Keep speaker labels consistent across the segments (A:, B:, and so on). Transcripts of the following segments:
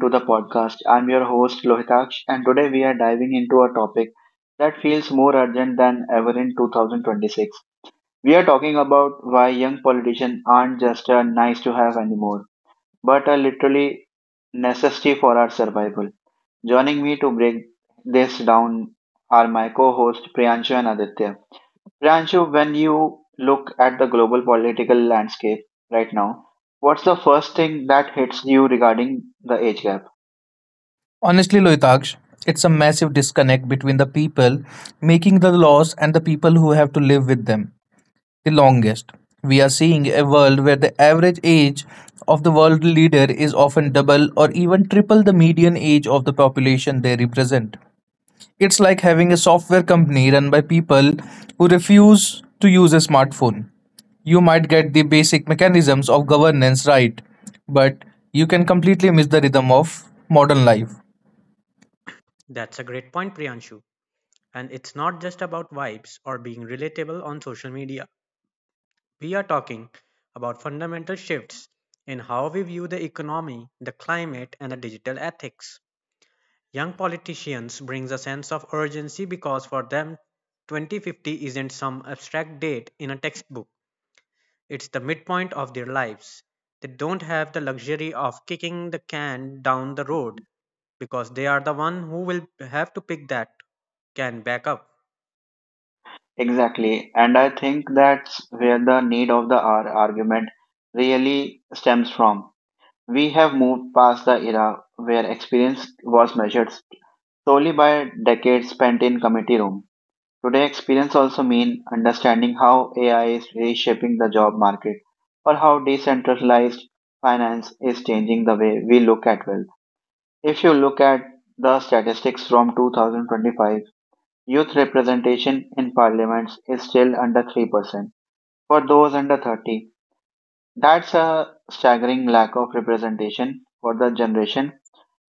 A: to the podcast. I'm your host, Lohitaksh, and today we are diving into a topic that feels more urgent than ever in 2026. We are talking about why young politicians aren't just a nice to have anymore, but are literally necessity for our survival. Joining me to break this down are my co host, Priyanshu and Aditya. Rancho, when you look at the global political landscape right now, what's the first thing that hits you regarding the age gap?
B: Honestly, Loitaksh, it's a massive disconnect between the people making the laws and the people who have to live with them the longest. We are seeing a world where the average age of the world leader is often double or even triple the median age of the population they represent. It's like having a software company run by people who refuse to use a smartphone. You might get the basic mechanisms of governance right, but you can completely miss the rhythm of modern life.
C: That's a great point, Priyanshu. And it's not just about vibes or being relatable on social media. We are talking about fundamental shifts in how we view the economy, the climate, and the digital ethics. Young politicians brings a sense of urgency because for them, 2050 isn't some abstract date in a textbook. It's the midpoint of their lives. They don't have the luxury of kicking the can down the road because they are the one who will have to pick that can back up.
A: Exactly. And I think that's where the need of the hour argument really stems from. We have moved past the era where experience was measured solely by decades spent in committee rooms. Today, experience also means understanding how AI is reshaping the job market or how decentralized finance is changing the way we look at wealth. If you look at the statistics from 2025, youth representation in parliaments is still under 3%. For those under 30, that's a staggering lack of representation for the generation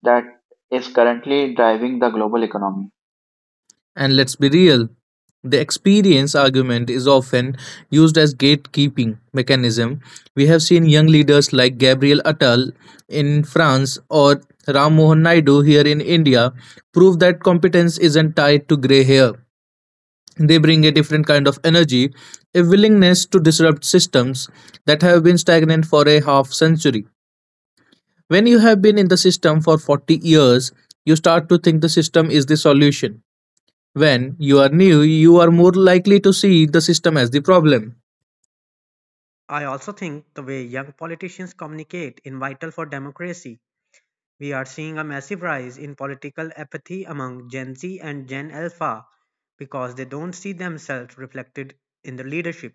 A: that is currently driving the global economy.
B: And let's be real, the experience argument is often used as gatekeeping mechanism. We have seen young leaders like Gabriel Attal in France or Ram Mohan Naidu here in India prove that competence isn't tied to gray hair. They bring a different kind of energy, a willingness to disrupt systems that have been stagnant for a half century. When you have been in the system for 40 years, you start to think the system is the solution. When you are new, you are more likely to see the system as the problem.
C: I also think the way young politicians communicate is vital for democracy. We are seeing a massive rise in political apathy among Gen Z and Gen Alpha because they don't see themselves reflected in the leadership.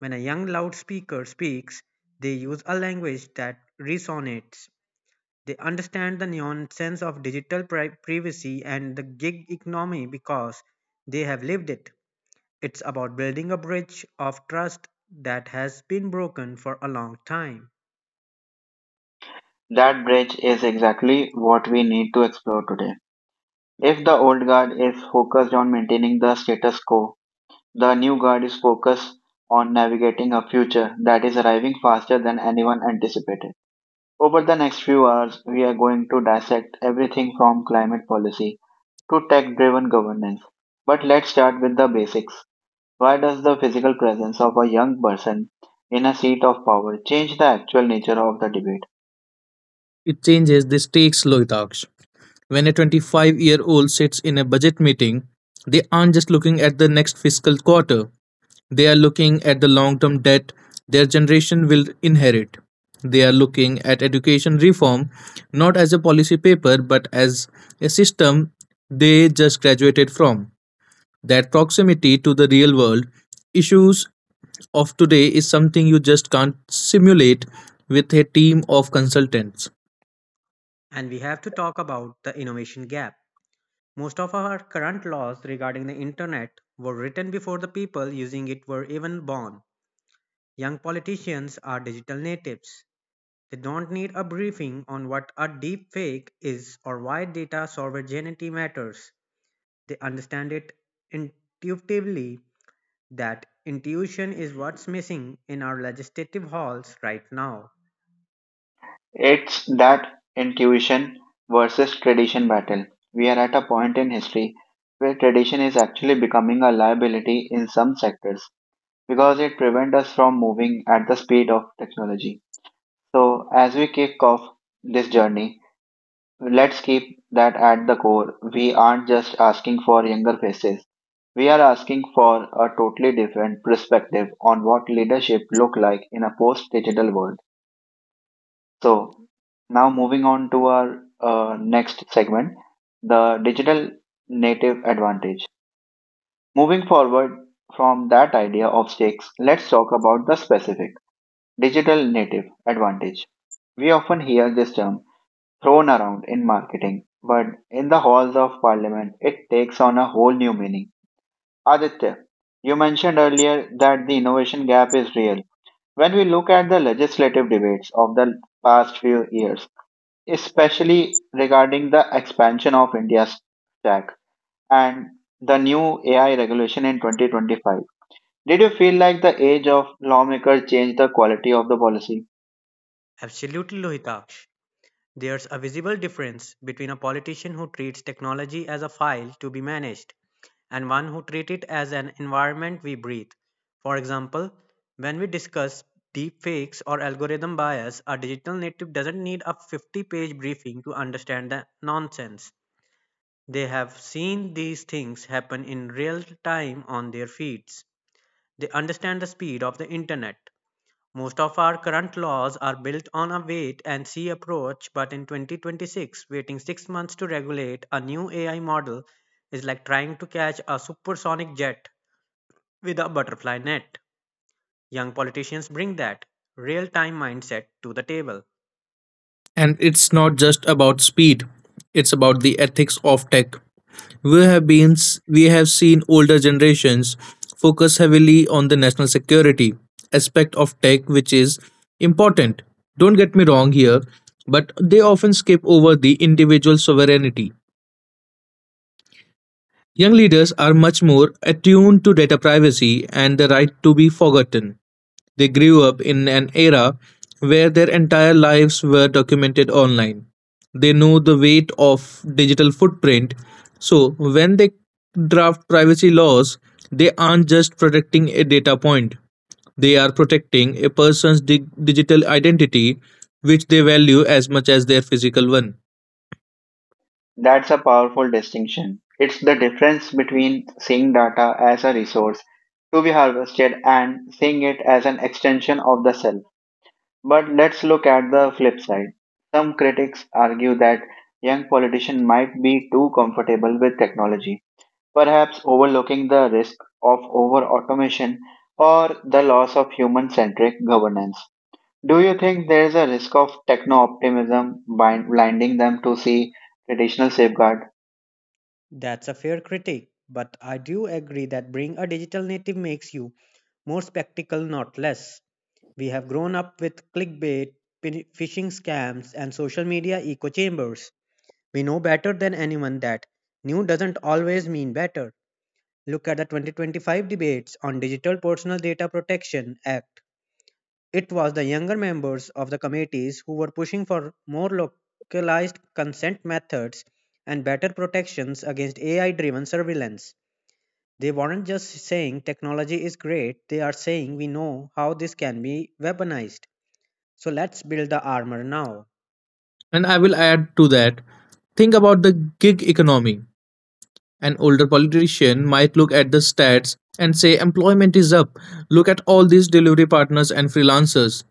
C: When a young loudspeaker speaks, they use a language that resonates. They understand the nonsense of digital privacy and the gig economy because they have lived it. It's about building a bridge of trust that has been broken for a long time.
A: That bridge is exactly what we need to explore today. If the old guard is focused on maintaining the status quo, the new guard is focused on navigating a future that is arriving faster than anyone anticipated. Over the next few hours, we are going to dissect everything from climate policy to tech driven governance. But let's start with the basics. Why does the physical presence of a young person in a seat of power change the actual nature of the debate?
B: It changes the stakes, Lohitaksh. When a 25-year-old sits in a budget meeting, they aren't just looking at the next fiscal quarter, they are looking at the long term debt their generation will inherit. They are looking at education reform not as a policy paper but as a system they just graduated from. That proximity to the real world issues of today is something you just can't simulate with a team of consultants.
C: And we have to talk about the innovation gap. Most of our current laws regarding the internet were written before the people using it were even born. Young politicians are digital natives. They don't need a briefing on what a deep fake is or why data sovereignty matters. They understand it intuitively that intuition is what's missing in our legislative halls right now.
A: It's that intuition versus tradition battle. We are at a point in history where tradition is actually becoming a liability in some sectors because it prevents us from moving at the speed of technology. So, as we kick off this journey, let's keep that at the core. We aren't just asking for younger faces. We are asking for a totally different perspective on what leadership look like in a post-digital world. So now moving on to our next segment, the digital native advantage. Moving forward from that idea of stakes, let's talk about the specific digital native advantage. We often hear this term thrown around in marketing, but in the halls of parliament, it takes on a whole new meaning. Aditya, you mentioned earlier that the innovation gap is real. When we look at the legislative debates of the past few years, especially regarding the expansion of India's tech and the new AI regulation in 2025. Did you feel like the age of lawmakers changed the quality of the policy?
C: Absolutely, Lohitaksh. There's a visible difference between a politician who treats technology as a file to be managed and one who treats it as an environment we breathe. For example, when we discuss deepfakes or algorithm bias, a digital native doesn't need a 50-page page briefing to understand the nonsense. They have seen these things happen in real time on their feeds. They understand the speed of the internet, most of our current laws are built on a wait and see approach, but in 2026, waiting 6 months to regulate a new AI model is like trying to catch a supersonic jet with a butterfly net. Young politicians bring that real time mindset to the table.
B: And it's not just about speed, it's about the ethics of tech. We have been we have seen older generations focus heavily on the national security aspect of tech, which is important. Don't get me wrong here, but they often skip over the individual sovereignty. Young leaders are much more attuned to data privacy and the right to be forgotten. They grew up in an era where their entire lives were documented online. They know the weight of digital footprint, so when they draft privacy laws, they aren't just protecting a data point, they are protecting a person's digital identity, which they value as much as their physical one.
A: That's a powerful distinction. It's the difference between seeing data as a resource to be harvested and seeing it as an extension of the self. But let's look at the flip side. Some critics argue that young politicians might be too comfortable with technology perhaps overlooking the risk of over automation or the loss of human centric governance. Do you think there is a risk of techno optimism blinding them to see traditional safeguard?
C: That's a fair critique, but I do agree that being a digital native makes you more spectacle, not less. We have grown up with clickbait, phishing scams, and social media echo chambers. We know better than anyone that new doesn't always mean better. Look at the 2025 debates on Digital Personal Data Protection Act. It was the younger members of the committees who were pushing for more localized consent methods and better protections against AI driven surveillance. They weren't just saying technology is great, they are saying we know how this can be weaponized. So let's build the armor now.
B: And I will add to that, think about the gig economy. An older politician might look at the stats and say employment is up. Look at all these delivery partners and freelancers.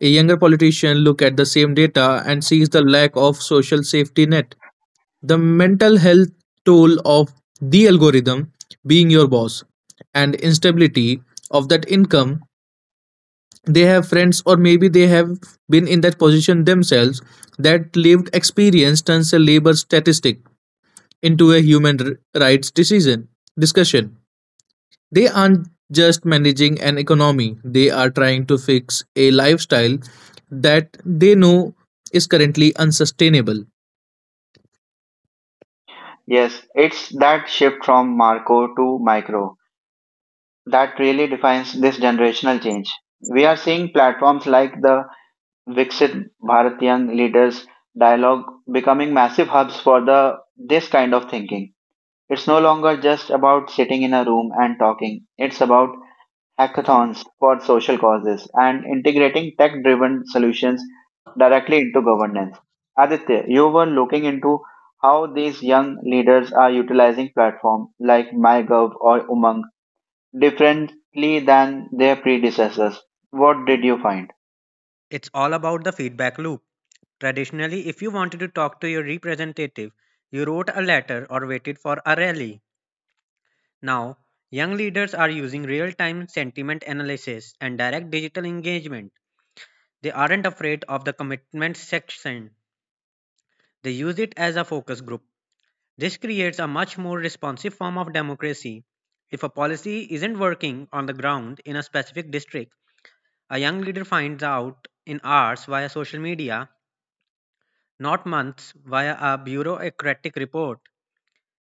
B: A younger politician look at the same data and sees the lack of social safety net. The mental health toll of the algorithm being your boss and instability of that income, they have friends or maybe they have been in that position themselves. That lived experience turns a labor statistic into a human rights decision discussion. They aren't just managing an economy; they are trying to fix a lifestyle that they know is currently unsustainable,
A: Yes, it's that shift from Marco to micro that really defines this generational change. We are seeing platforms like the Vixit Bharat Young Leaders Dialogue becoming massive hubs for the this kind of thinking. It's no longer just about sitting in a room and talking. It's about hackathons for social causes and integrating tech driven solutions directly into governance. Aditya, you were looking into how these young leaders are utilizing platforms like MyGov or Umang differently than their predecessors. What did you find?
C: It's all about the feedback loop. Traditionally, if you wanted to talk to your representative, you wrote a letter or waited for a rally. Now, young leaders are using real time sentiment analysis and direct digital engagement. They aren't afraid of the commitment section, they use it as a focus group. This creates a much more responsive form of democracy. If a policy isn't working on the ground in a specific district, a young leader finds out in hours via social media. Not months via a bureaucratic report.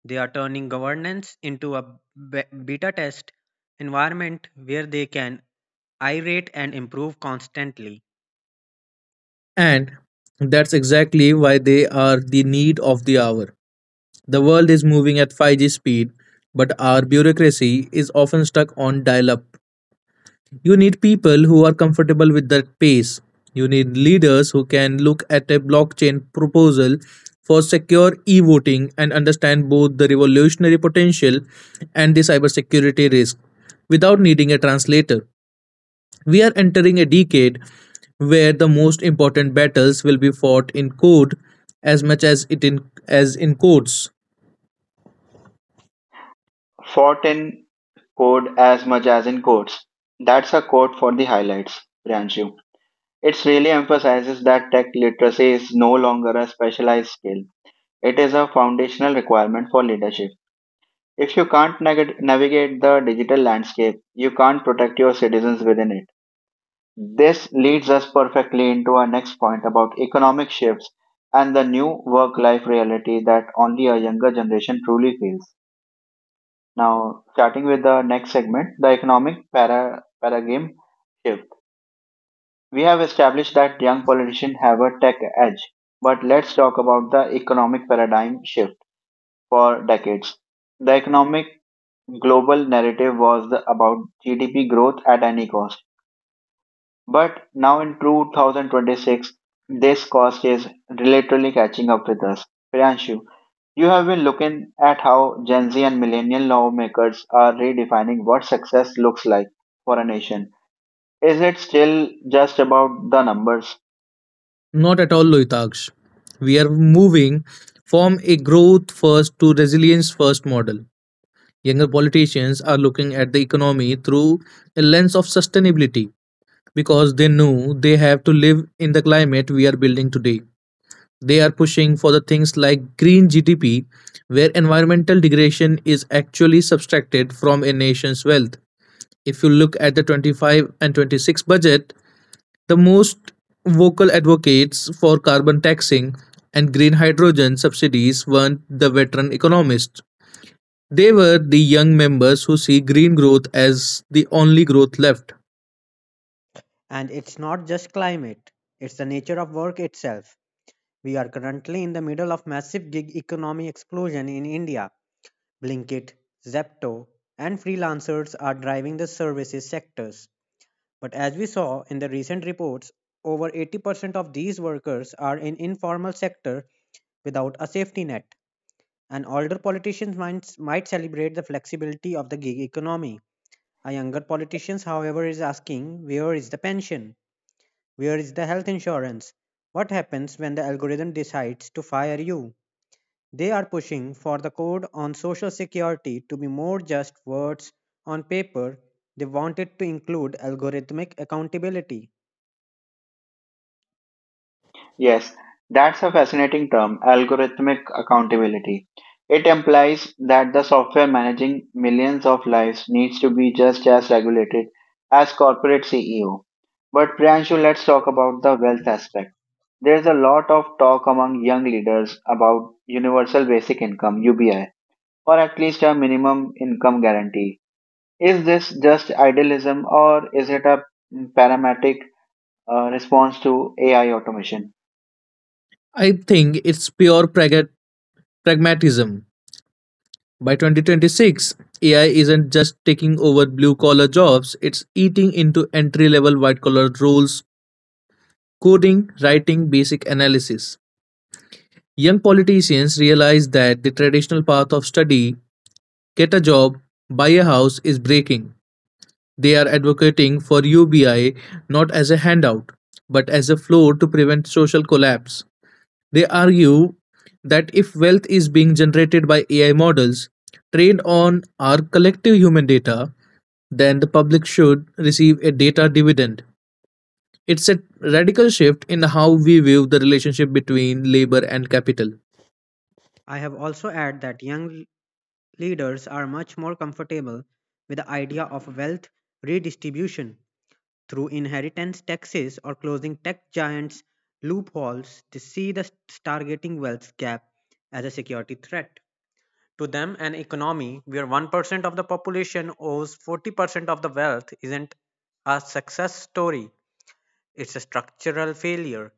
C: They are turning governance into a beta test environment where they can iterate and improve constantly.
B: and that's exactly why they are the need of the hour. The world is moving at 5G speed, but our bureaucracy is often stuck on dial-up. You need people who are comfortable with that pace. You need leaders who can look at a blockchain proposal for secure e voting and understand both the revolutionary potential and the cybersecurity risk without needing a translator. We are entering a decade where the most important battles will be fought in code as much as it in as in codes.
A: Fought in code as much as in codes. That's a quote for the highlights, Priyanshu. It really emphasizes that tech literacy is no longer a specialized skill. It is a foundational requirement for leadership. If you can't navigate the digital landscape, you can't protect your citizens within it. This leads us perfectly into our next point about economic shifts and the new work life reality that only a younger generation truly feels. Now, starting with the next segment, the economic paradigm shift. We have established that young politicians have a tech edge, but let's talk about the economic paradigm shift for decades. The economic global narrative was about GDP growth at any cost, but now in 2026, this cost is literally catching up with us. Priyanshu, you have been looking at how Gen Z and millennial lawmakers are redefining what success looks like for a nation. Is it still just about the numbers?
B: Not at all, Loitaksh. We are moving from a growth first to resilience first model. Younger politicians are looking at the economy through a lens of sustainability because they know they have to live in the climate we are building today. They are pushing for the things like green GDP, where environmental degradation is actually subtracted from a nation's wealth. If you look at the 25-26 budget, the most vocal advocates for carbon taxing and green hydrogen subsidies weren't the veteran economists, they were the young members who see green growth as the only growth left.
C: And it's not just climate, it's the nature of work itself. We are currently in the middle of massive gig economy explosion in India. Blinkit, Zepto, and freelancers are driving the services sectors. But as we saw in the recent reports, over 80% of these workers are in informal sector without a safety net. And older politicians might celebrate the flexibility of the gig economy. A younger politician, however, is asking where is the pension? Where is the health insurance? What happens when the algorithm decides to fire you? They are pushing for the code on social security to be more just words on paper. They want it to include algorithmic accountability.
A: Yes, that's a fascinating term, algorithmic accountability. It implies that the software managing millions of lives needs to be just as regulated as corporate CEO. But Priyanshu, let's talk about the wealth aspect. There's a lot of talk among young leaders about universal basic income, UBI, or at least a minimum income guarantee. Is this just idealism or is it a parametric response to AI automation?
B: I think it's pure pragmatism. By 2026, AI isn't just taking over blue collar jobs, it's eating into entry level white collar roles, coding, writing, basic analysis. Young politicians realize that the traditional path of study, get a job, buy a house is breaking. They are advocating for UBI not as a handout, but as a floor to prevent social collapse. They argue that if wealth is being generated by AI models trained on our collective human data, then the public should receive a data dividend. It's a radical shift in how we view the relationship between labor and capital.
C: I have also added that young leaders are much more comfortable with the idea of wealth redistribution through inheritance taxes or closing tech giants' loopholes. They see the stargating wealth gap as a security threat. To them, an economy where 1% of the population owes 40% of the wealth isn't a success story, it's a structural failure.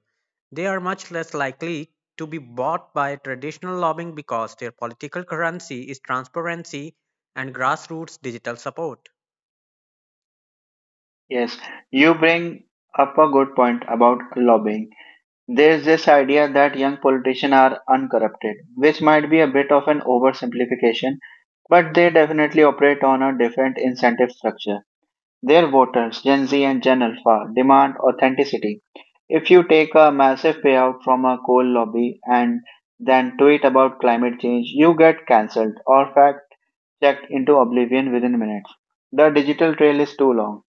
C: They are much less likely to be bought by traditional lobbying because their political currency is transparency and grassroots digital support.
A: Yes, you bring up a good point about lobbying. There's this idea that young politicians are uncorrupted, which might be a bit of an oversimplification, but they definitely operate on a different incentive structure. Their voters, Gen Z and Gen Alpha, demand authenticity. If you take a massive payout from a coal lobby and then tweet about climate change, you get cancelled or fact checked into oblivion within minutes. The digital trail is too long.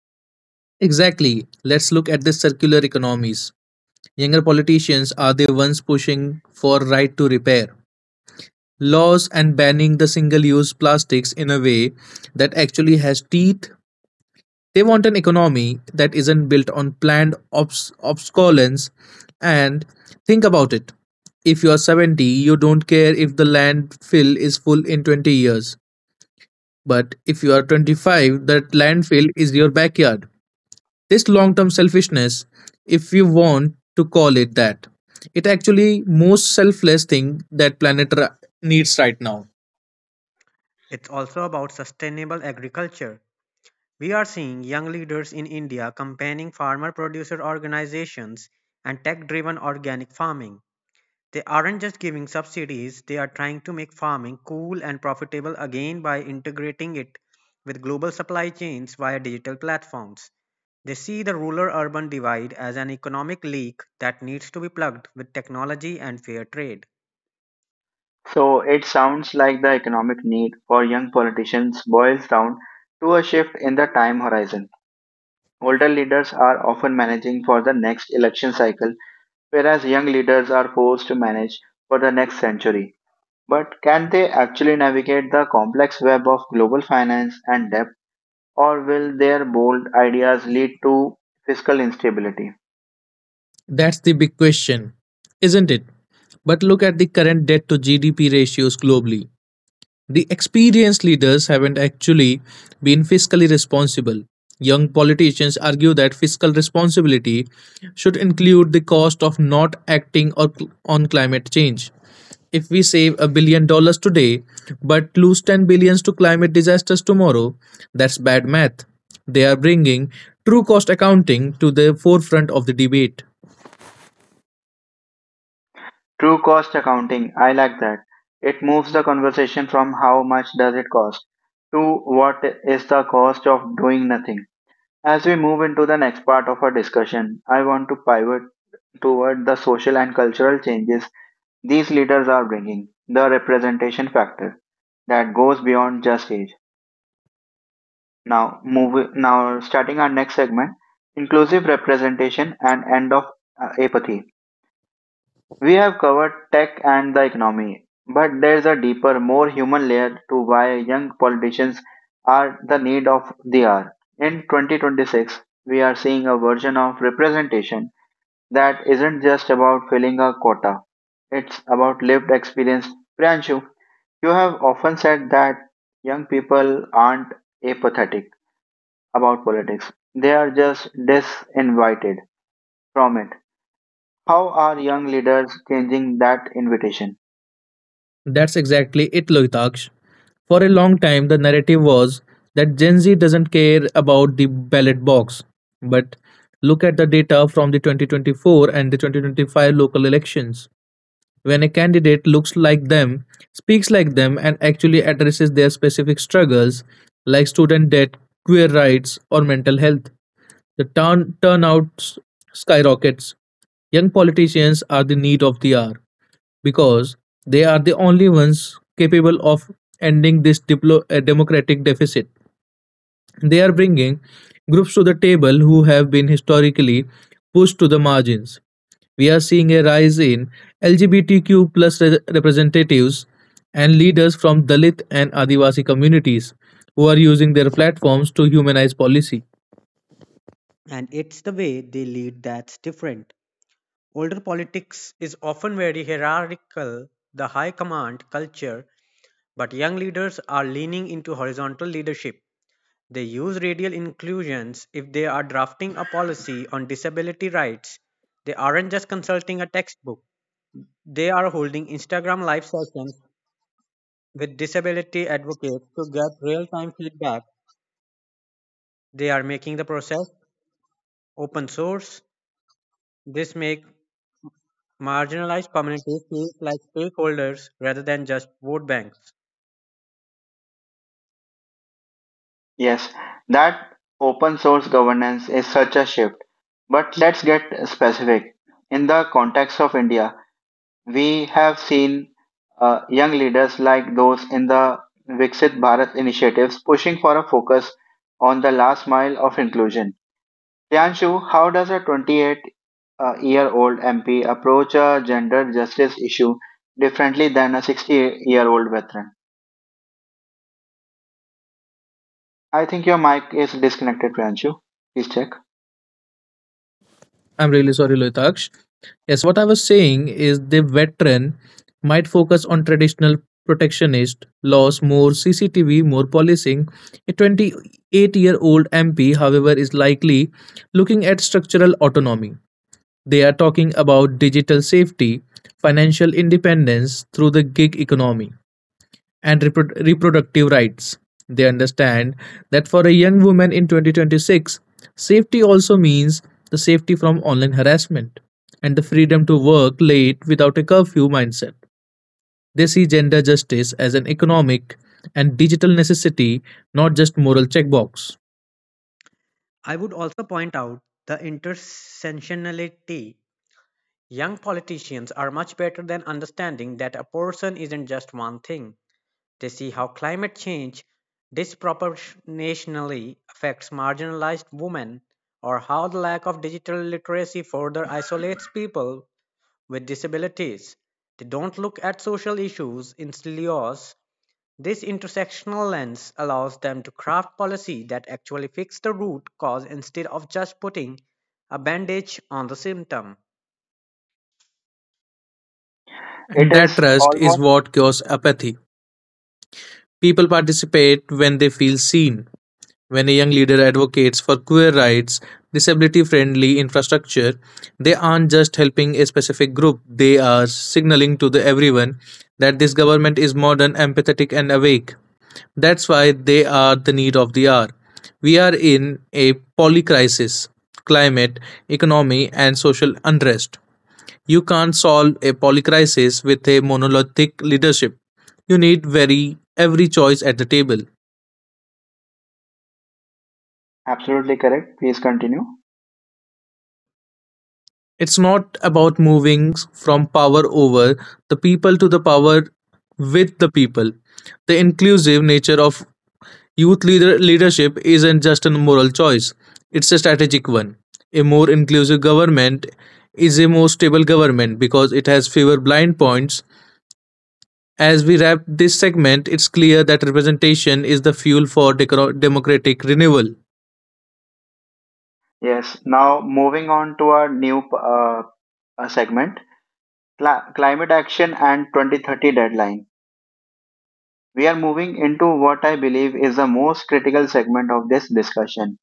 B: Exactly. Let's look at the circular economies. Younger politicians are the ones pushing for right to repair laws and banning the single use plastics in a way that actually has teeth. They want an economy that isn't built on planned obsolescence. And think about it, if you are 70, you don't care if the landfill is full in 20 years. But if you are 25, that landfill is your backyard. This long term selfishness, if you want to call it that, it actually most selfless thing that planet needs right now.
C: It's also about sustainable agriculture. We are seeing young leaders in India campaigning farmer producer organizations and tech driven organic farming. They aren't just giving subsidies, they are trying to make farming cool and profitable again by integrating it with global supply chains via digital platforms. They see the rural urban divide as an economic leak that needs to be plugged with technology and fair trade.
A: So it sounds like the economic need for young politicians boils down to a shift in the time horizon. Older leaders are often managing for the next election cycle, whereas young leaders are forced to manage for the next century. But can they actually navigate the complex web of global finance and debt, or will their bold ideas lead to fiscal instability?
B: That's the big question, isn't it? But look at the current debt to GDP ratios globally. The experienced leaders haven't actually been fiscally responsible. Young politicians argue that fiscal responsibility should include the cost of not acting on climate change. If we save a billion dollars today but lose 10 billions to climate disasters tomorrow, that's bad math. They are bringing true cost accounting to the forefront of the debate.
A: True cost accounting. I like that. It moves the conversation from how much does it cost to what is the cost of doing nothing. As we move into the next part of our discussion, I want to pivot toward the social and cultural changes these leaders are bringing, the representation factor that goes beyond just age. Now, now starting our next segment, inclusive representation and end of apathy. We have covered tech and the economy, but there's a deeper, more human layer to why young politicians are the need of the hour. In 2026, we are seeing a version of representation that isn't just about filling a quota. It's about lived experience. Priyanshu, you have often said that young people aren't apathetic about politics. They are just disinvited from it. How are young leaders changing that invitation?
B: That's exactly it, Lohitaksh. For a long time, the narrative was that Gen Z doesn't care about the ballot box. But look at the data from the 2024 and the 2025 local elections. When a candidate looks like them, speaks like them, and actually addresses their specific struggles, like student debt, queer rights, or mental health, the turnout skyrockets. Young politicians are the need of the hour because they are the only ones capable of ending this democratic deficit. They are bringing groups to the table who have been historically pushed to the margins. We are seeing a rise in LGBTQ plus representatives and leaders from Dalit and Adivasi communities who are using their platforms to humanize policy.
C: And it's the way they lead that's different. Older politics is often very hierarchical, the high command culture, but young leaders are leaning into horizontal leadership. They use radial inclusions if they are drafting a policy on disability rights. They aren't just consulting a textbook. They are holding Instagram live sessions with disability advocates to get real-time feedback. They are making the process open source. This makes marginalized communities feel like stakeholders rather than just vote banks.
A: Yes, that open source governance is such a shift. But let's get specific. In the context of India, we have seen young leaders like those in the Viksit Bharat initiatives pushing for a focus on the last mile of inclusion. Priyanshu, how does a 28 year old MP approach a gender justice issue differently than a 60-year-old veteran? I think your mic is disconnected, Priyanshu. Please check.
B: I'm really sorry, Loitaksh. Yes, what I was saying is the veteran might focus on traditional protectionist laws, more CCTV, more policing. A 28-year-old MP, however, is likely looking at structural autonomy. They are talking about digital safety, financial independence through the gig economy, and reproductive rights. They understand that for a young woman in 2026, safety also means the safety from online harassment and the freedom to work late without a curfew mindset. They see gender justice as an economic and digital necessity, not just moral checkbox.
C: I would also point out the intersectionality. Young politicians are much better than understanding that a person isn't just one thing. They see how climate change disproportionately affects marginalized women, or how the lack of digital literacy further isolates people with disabilities. They don't look at social issues in silos. This intersectional lens allows them to craft policy that actually fixes the root cause instead of just putting a bandage on the symptom.
A: It
B: And that
A: is
B: trust is
A: almost
B: what cures apathy. People participate when they feel seen. When a young leader advocates for queer rights, disability friendly infrastructure, they aren't just helping a specific group, they are signaling to the everyone that this government is modern, empathetic, and awake. That's why they are the need of the hour. We are in a polycrisis climate, economy, and social unrest. You can't solve a polycrisis with a monolithic leadership. You need very every choice at the table.
A: absolutely correct. Please continue.
B: It's not about moving from power over the people to the power with the people. The inclusive nature of youth leadership isn't just a moral choice, it's a strategic one. A more inclusive government is a more stable government because it has fewer blind points. As we wrap this segment, it's clear that representation is the fuel for democratic renewal.
A: Yes. Now moving on to our new uh, segment, climate action and 2030 deadline. We are moving into what I believe is the most critical segment of this discussion.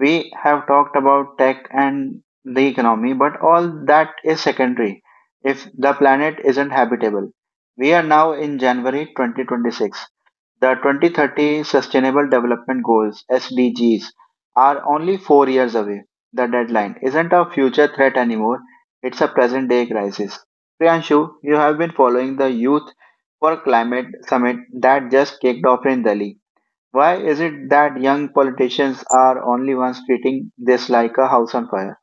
A: We have talked about tech and the economy, but all that is secondary if the planet isn't habitable. We are now in January 2026. The 2030 Sustainable Development Goals (SDGs) are only 4 years away. The deadline isn't a future threat anymore, it's a present day crisis. Priyanshu, you have been following the Youth for Climate Summit that just kicked off in Delhi. Why is it that young politicians are only ones treating this like a house on fire?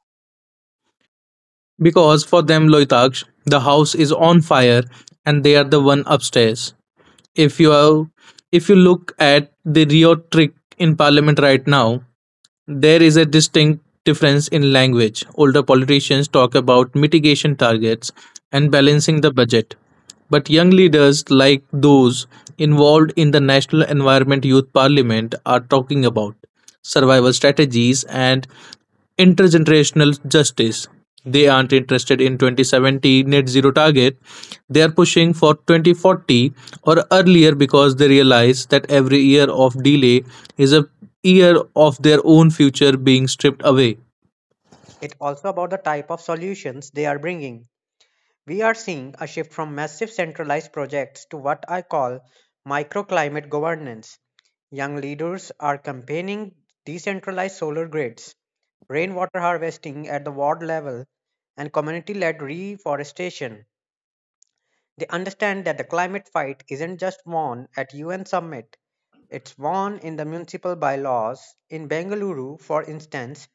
B: Because for them, Loitaksh, the house is on fire and they are the one upstairs. If you are, if you look at the Rio trick in parliament right now, there is a distinct difference in language. Older politicians talk about mitigation targets and balancing the budget. But young leaders like those involved in the National Environment Youth Parliament are talking about survival strategies and intergenerational justice. They aren't interested in 2070 net zero target. They are pushing for 2040 or earlier because they realize that every year of delay is a year of their own future being stripped away.
C: It's also about the type of solutions they are bringing. We are seeing a shift from massive centralized projects to what I call microclimate governance. Young leaders are campaigning decentralized solar grids, rainwater harvesting at the ward level, and community led reforestation. They understand that the climate fight isn't just won at UN summit, it's won in the municipal bylaws. In Bengaluru, for instance,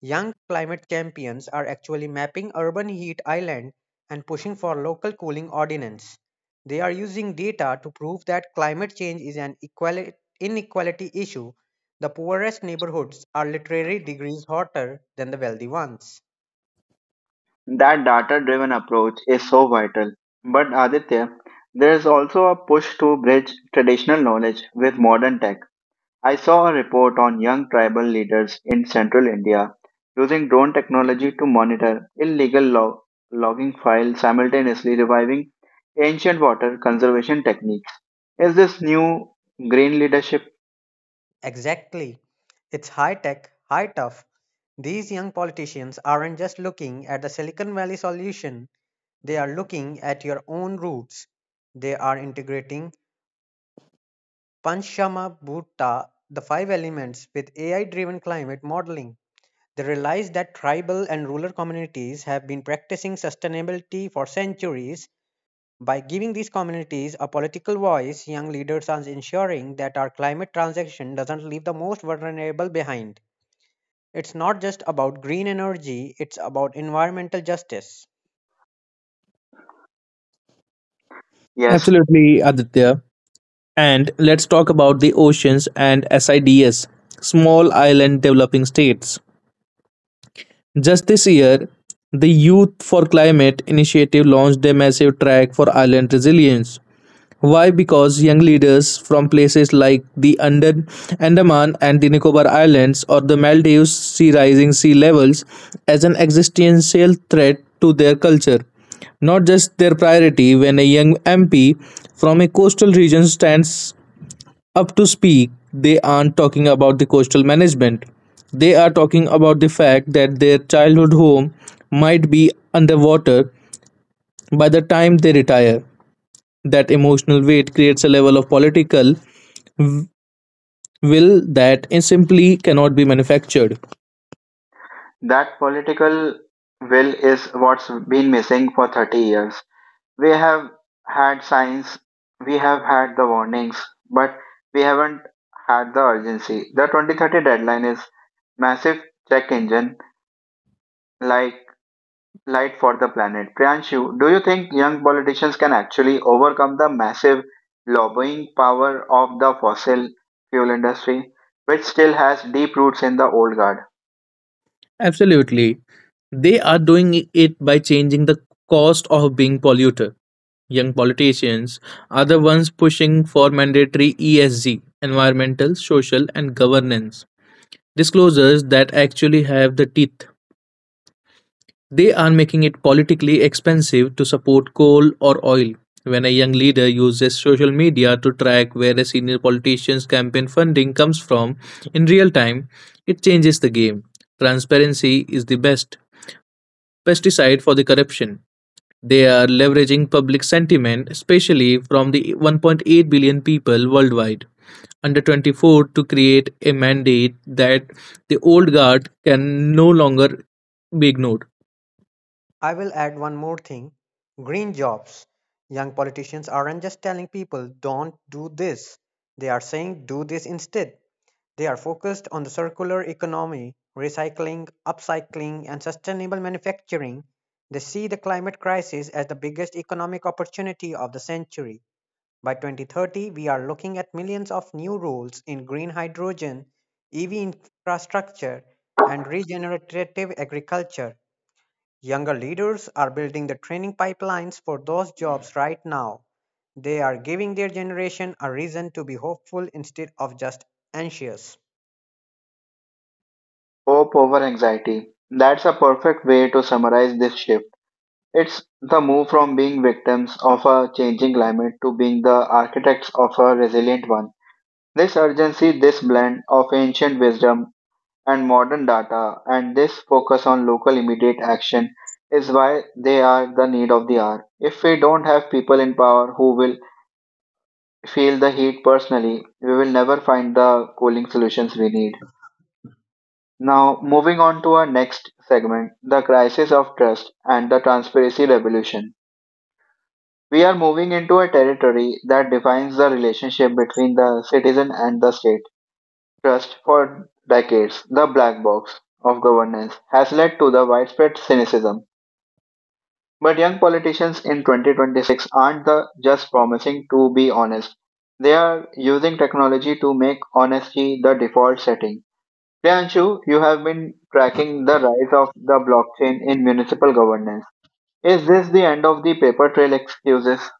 C: young climate champions are actually mapping urban heat island and pushing for local cooling ordinance. They are using data to prove that climate change is an inequality issue. The poorest neighborhoods are literally degrees hotter than the wealthy ones.
A: That data driven approach is so vital. But Aditya, there is also a push to bridge traditional knowledge with modern tech. I saw a report on young tribal leaders in central India using drone technology to monitor illegal logging files simultaneously reviving ancient water conservation techniques. Is this new green leadership?
C: Exactly. It's high tech, high tough. These young politicians aren't just looking at the Silicon Valley solution, they are looking at your own roots. They are integrating Panchamabhutta, the five elements, with AI driven climate modeling. They realized that tribal and rural communities have been practicing sustainability for centuries. By giving these communities a political voice, young leaders are ensuring that our climate transition doesn't leave the most vulnerable behind. It's not just about green energy, it's about environmental justice.
A: Yes,
B: Absolutely, Aditya. And let's talk about the oceans and SIDS, Small Island Developing States. Just this year, the Youth for Climate initiative launched a massive track for island resilience. Why? Because young leaders from places like the Andaman and the Nicobar Islands or the Maldives see rising sea levels as an existential threat to their culture, not just their priority. When a young MP from a coastal region stands up to speak, they aren't talking about the coastal management. They are talking about the fact that their childhood home might be underwater by the time they retire. That emotional weight creates a level of political will that simply cannot be manufactured.
A: that political will is what's been missing for 30 years. We have had signs, we have had the warnings, but we haven't had the urgency. The 2030 deadline is massive check engine like light for the planet. Priyanshu, do you think young politicians can actually overcome the massive lobbying power of the fossil fuel industry, which still has deep roots in the old guard?
B: Absolutely. They are doing it by changing the cost of being polluter. Young politicians are the ones pushing for mandatory ESG, environmental, social, and governance disclosures that actually have the teeth. They are making it politically expensive to support coal or oil. When a young leader uses social media to track where a senior politician's campaign funding comes from in real time, it changes the game. Transparency is the best pesticide for the corruption. They are leveraging public sentiment, especially from the 1.8 billion people worldwide under 24, to create a mandate that the old guard can no longer be ignored.
C: I will add one more thing: green jobs. Young politicians aren't just telling people, don't do this. They are saying, do this instead. They are focused on the circular economy, recycling, upcycling, and sustainable manufacturing. They see the climate crisis as the biggest economic opportunity of the century. By 2030, we are looking at millions of new roles in green hydrogen, EV infrastructure, and regenerative agriculture. Younger leaders are building the training pipelines for those jobs right now. They are giving their generation a reason to be hopeful instead of just anxious.
A: Hope over anxiety. That's a perfect way to summarize this shift. It's the move from being victims of a changing climate to being the architects of a resilient one. This urgency, this blend of ancient wisdom and modern data, and this focus on local immediate action is why they are the need of the hour. If we don't have people in power who will feel the heat personally, we will never find the cooling solutions we need. Now, moving on to our next segment the crisis of trust and the transparency revolution. We are moving into a territory that defines the relationship between the citizen and the state. Trust. For decades, the black box of governance has led to the widespread cynicism. But young politicians in 2026 aren't the just promising to be honest. They are using technology to make honesty the default setting. Priyanshu, you have been tracking the rise of the blockchain in municipal governance. Is this the end of the paper trail excuses?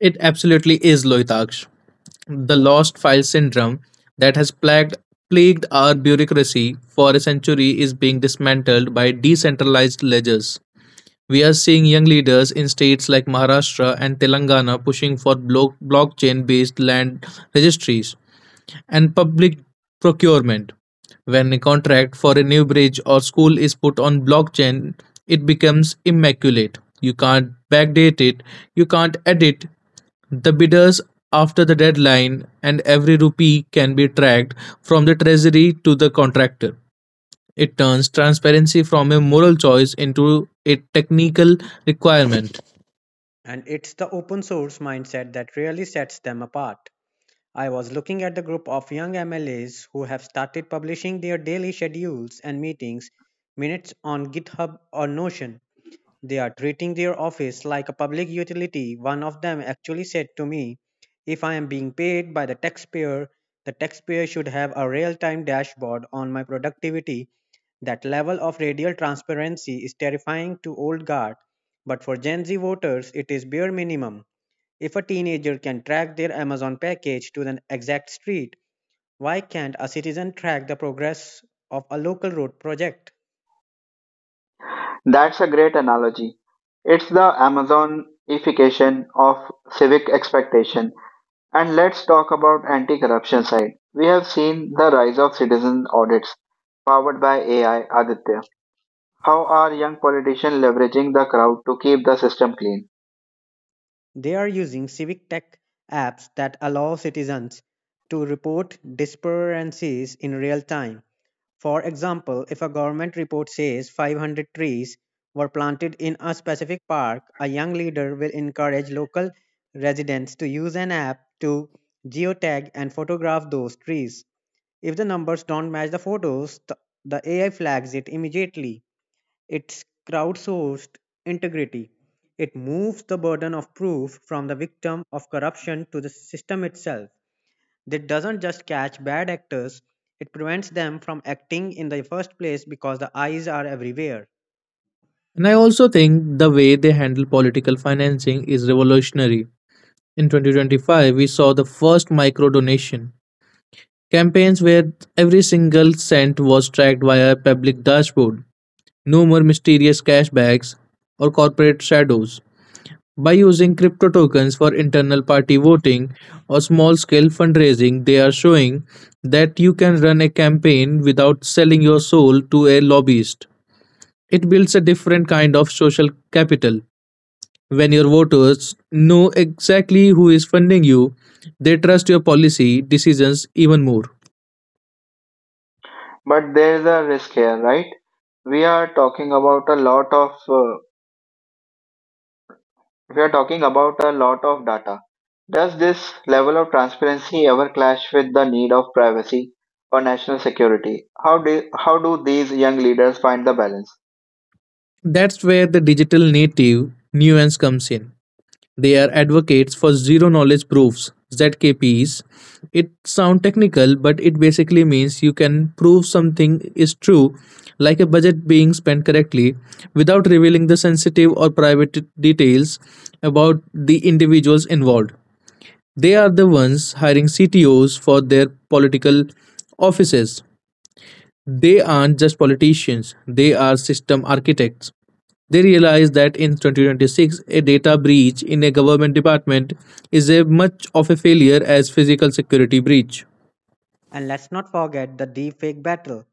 B: It absolutely is, Loitaksh, the lost file syndrome that has plagued our bureaucracy for a century is being dismantled by decentralized ledgers. We are seeing young leaders in states like Maharashtra and Telangana pushing for blockchain based land registries and public procurement. When a contract for a new bridge or school is put on blockchain, it becomes immaculate. You can't backdate it, you can't edit the bidders after the deadline, and every rupee can be tracked from the treasury to the contractor. It turns transparency from a moral choice into a technical requirement.
C: And it's the open source mindset that really sets them apart. I was looking at the group of young MLAs who have started publishing their daily schedules and meetings minutes on GitHub or Notion. They are treating their office like a public utility. One of them actually said to me, "If I am being paid by the taxpayer should have a real time dashboard on my productivity." That level of radial transparency is terrifying to old guard, but for Gen Z voters, it is bare minimum. If a teenager can track their Amazon package to the exact street, why can't a citizen track the progress of a local road project?
A: That's a great analogy. It's the Amazonification of civic expectation. And let's talk about anti-corruption side. We have seen the rise of citizen audits powered by AI, Aditya. How are young politicians leveraging the crowd to keep the system clean?
C: They are using civic tech apps that allow citizens to report disturbances in real time. For example, if a government report says 500 trees were planted in a specific park, a young leader will encourage local residents to use an app to geotag and photograph those trees. If the numbers don't match the photos, the AI flags it immediately. It's crowdsourced integrity. It moves the burden of proof from the victim of corruption to the system itself. That doesn't just catch bad actors, it prevents them from acting in the first place because the eyes are everywhere.
B: And I also think the way they handle political financing is revolutionary. In 2025, we saw the first micro donation campaigns where every single cent was tracked via a public dashboard. No more mysterious cashbacks or corporate shadows. By using crypto tokens for internal party voting or small scale fundraising, they are showing that you can run a campaign without selling your soul to a lobbyist. It builds a different kind of social capital. When your voters know exactly who is funding you, they trust your policy decisions even more.
A: But there's a risk here, right? We are talking about a lot of we are talking about a lot of data. Does this level of transparency ever clash with the need of privacy or national security? How do these young leaders find the balance?
B: That's where the digital native nuance comes in. They are advocates for zero knowledge proofs, ZKPs. It sounds technical, but it basically means you can prove something is true, like a budget being spent correctly, without revealing the sensitive or private details about the individuals involved. They are the ones hiring CTOs for their political offices. They aren't just politicians, they are system architects. They realized that in 2026, a data breach in a government department is as much of a failure as physical security breach.
C: And let's not forget the deepfake battle.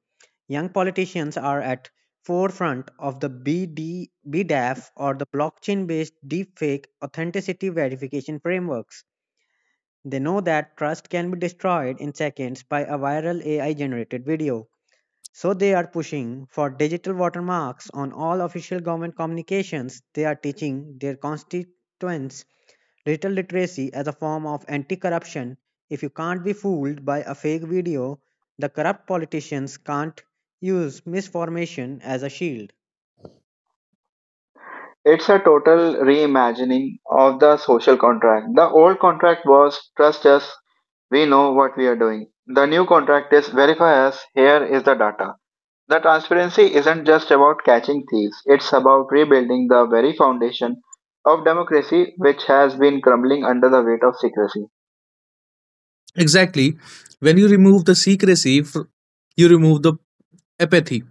C: Young politicians are at forefront of the BD, or the blockchain-based deepfake authenticity verification frameworks. They know that trust can be destroyed in seconds by a viral AI generated video. So they are pushing for digital watermarks on all official government communications. They are teaching their constituents digital literacy as a form of anti corruption. If you can't be fooled by a fake video, the corrupt politicians can't use misinformation as a shield.
A: It's a total reimagining of the social contract. The old contract was trust us, we know what we are doing. The new contract is verify us, here is the data. The transparency isn't just about catching thieves, it's about rebuilding the very foundation of democracy, which has been crumbling under the weight of secrecy.
B: Exactly. When you remove the secrecy, you remove the apathy.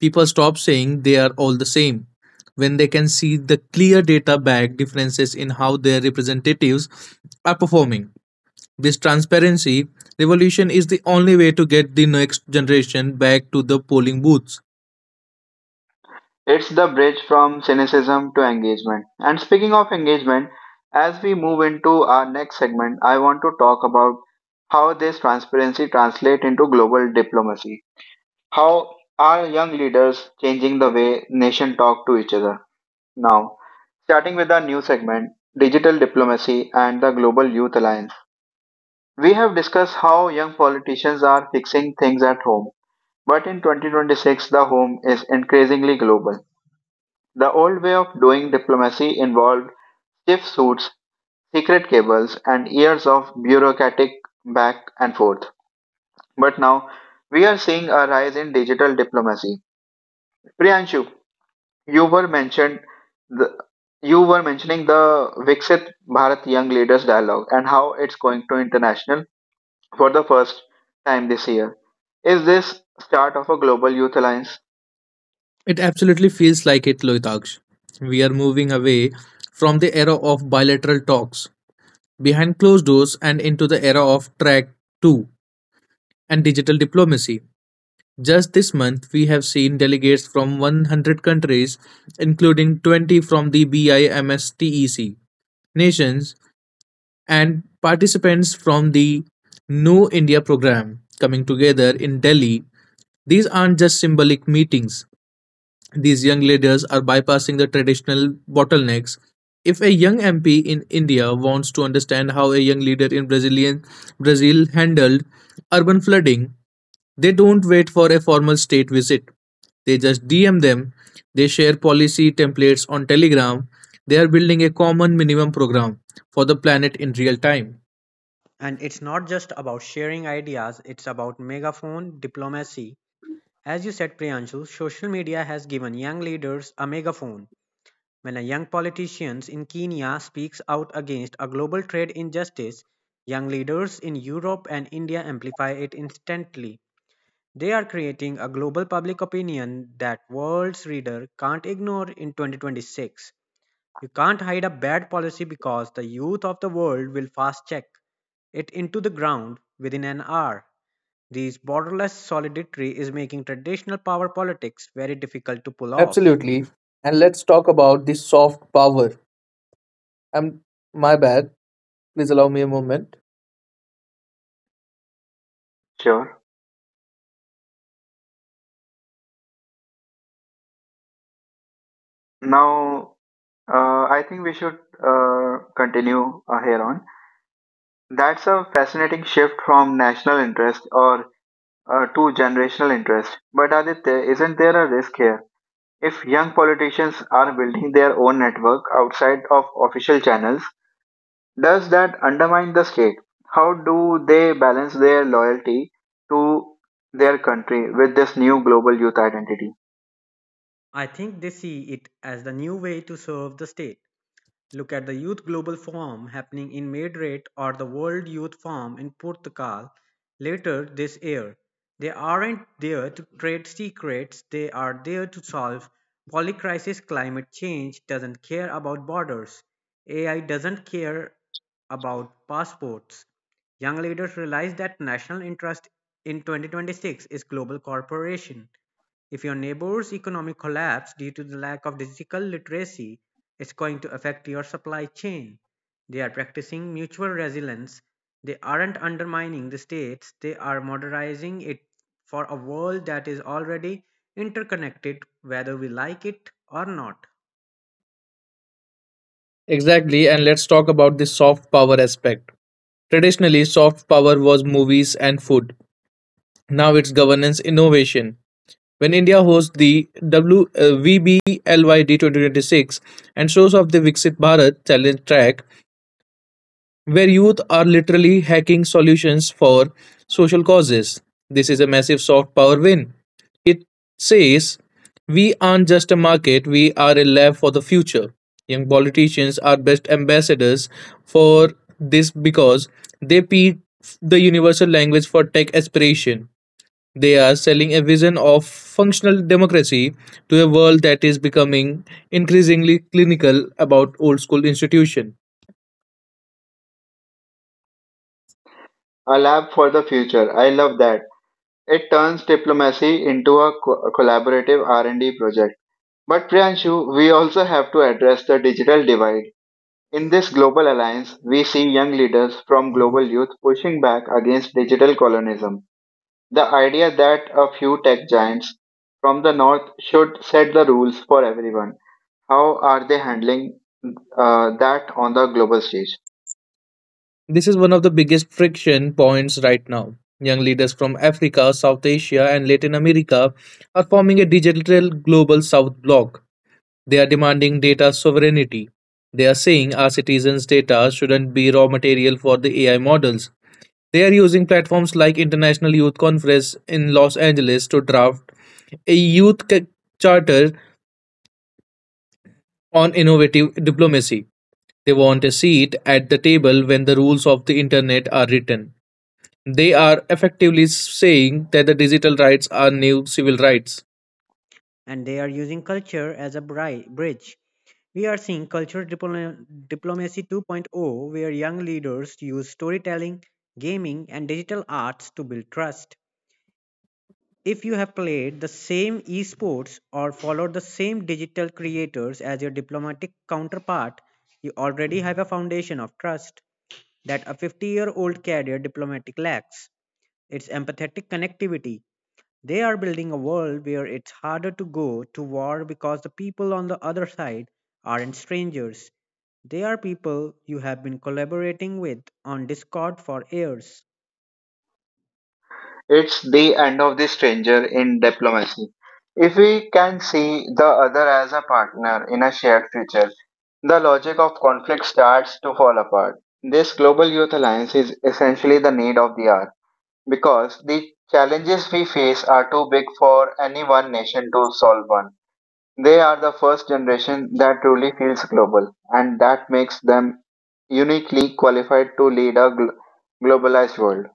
B: People stop saying they are all the same. When they can see the clear data back differences in how their representatives are performing. This transparency revolution is the only way to get the next generation back to the polling booths.
A: It's the bridge from cynicism to engagement. And speaking of engagement, as we move into our next segment, I want to talk about how this transparency translates into global diplomacy. How are young leaders changing the way nation talk to each other now? Starting with our new segment, digital diplomacy and the Global Youth Alliance. We have discussed how young politicians are fixing things at home, but in 2026, the home is increasingly global. The old way of doing diplomacy involved stiff suits, secret cables, and years of bureaucratic back and forth. But now we are seeing a rise in digital diplomacy. Priyanshu, you were mentioned the you were mentioning the Viksit Bharat Young Leaders Dialogue and how it's going to international for the first time this year. Is this start of a global youth alliance?
B: It absolutely feels like it, Loitaksh. We are moving away from the era of bilateral talks behind closed doors and into the era of track 2 and digital diplomacy. Just this month, we have seen delegates from 100 countries, including 20 from the BIMSTEC nations, and participants from the New India program coming together in Delhi. These aren't just symbolic meetings, these young leaders are bypassing the traditional bottlenecks. If a young MP in India wants to understand how a young leader in Brazil handled urban flooding, they don't wait for a formal state visit. They just DM them. They share policy templates on Telegram. They are building a common minimum program for the planet in real time.
C: And it's not just about sharing ideas, it's about megaphone diplomacy. As you said, Priyanshu, social media has given young leaders a megaphone. When a young politician in Kenya speaks out against a global trade injustice, young leaders in Europe and India amplify it instantly. They are creating a global public opinion that world's reader can't ignore in 2026. You can't hide a bad policy because the youth of the world will fast check it into the ground within an hour. This borderless solidarity is making traditional power politics very difficult to pull off.
B: Absolutely. And let's talk about the soft power. I'm my bad. Please allow me a moment.
A: Sure. Now, uh, I think we should continue here on. That's a fascinating shift from national interest or to generational interest. But Aditya, isn't there a risk here? If young politicians are building their own network outside of official channels, does that undermine the state? How do they balance their loyalty to their country with this new global youth identity?
C: I think they see it as the new way to serve the state. Look at the Youth Global Forum happening in Madrid or the World Youth Forum in Portugal later this year. They aren't there to trade secrets, they are there to solve polycrisis. Climate change doesn't care about borders. AI doesn't care about passports. Young leaders realize that national interest in 2026 is global cooperation. If your neighbor's economy collapse due to the lack of digital literacy, it's going to affect your supply chain. They are practicing mutual resilience. They aren't undermining the states, they are modernizing it for a world that is already interconnected, whether we like it or not.
B: Exactly, and let's talk about the soft power aspect. Traditionally, soft power was movies and food. Now it's governance innovation. When India hosts the VBLYD 2026 and shows off the Viksit Bharat challenge track, where youth are literally hacking solutions for social causes, this is a massive soft power win. It says, we aren't just a market, we are a lab for the future. Young politicians are best ambassadors for this because they peel the universal language for tech aspiration. They are selling a vision of functional democracy to a world that is becoming increasingly clinical about old school institution.
A: A lab for the future. I love that. It turns diplomacy into a collaborative R&D project. But Priyanshu, we also have to address the digital divide. In this global alliance, we see young leaders from global youth pushing back against digital colonialism. The idea that a few tech giants from the north should set the rules for everyone. How are they handling that on the global stage?
B: This is one of the biggest friction points right now. Young leaders from Africa, South Asia, and Latin America are forming a digital global South bloc. They are demanding data sovereignty. They are saying our citizens' data shouldn't be raw material for the AI models. They are using platforms like International Youth Conference in Los Angeles to draft a youth charter on innovative diplomacy. They want a seat at the table when the rules of the internet are written. They are effectively saying that the digital rights are new civil rights.
C: And they are using culture as a bridge. We are seeing cultural diplomacy 2.0, where young leaders use storytelling, gaming, and digital arts to build trust. If you have played the same esports or followed the same digital creators as your diplomatic counterpart, you already have a foundation of trust that a 50-year-old career diplomatic lacks. It's empathetic connectivity. They are building a world where it's harder to go to war because the people on the other side aren't strangers. They are people you have been collaborating with on Discord for years.
A: It's the end of the stranger in diplomacy. If we can see the other as a partner in a shared future, the logic of conflict starts to fall apart. This global youth alliance is essentially the need of the hour because the challenges we face are too big for any one nation to solve one. They are the first generation that truly feels global, and that makes them uniquely qualified to lead a globalized world.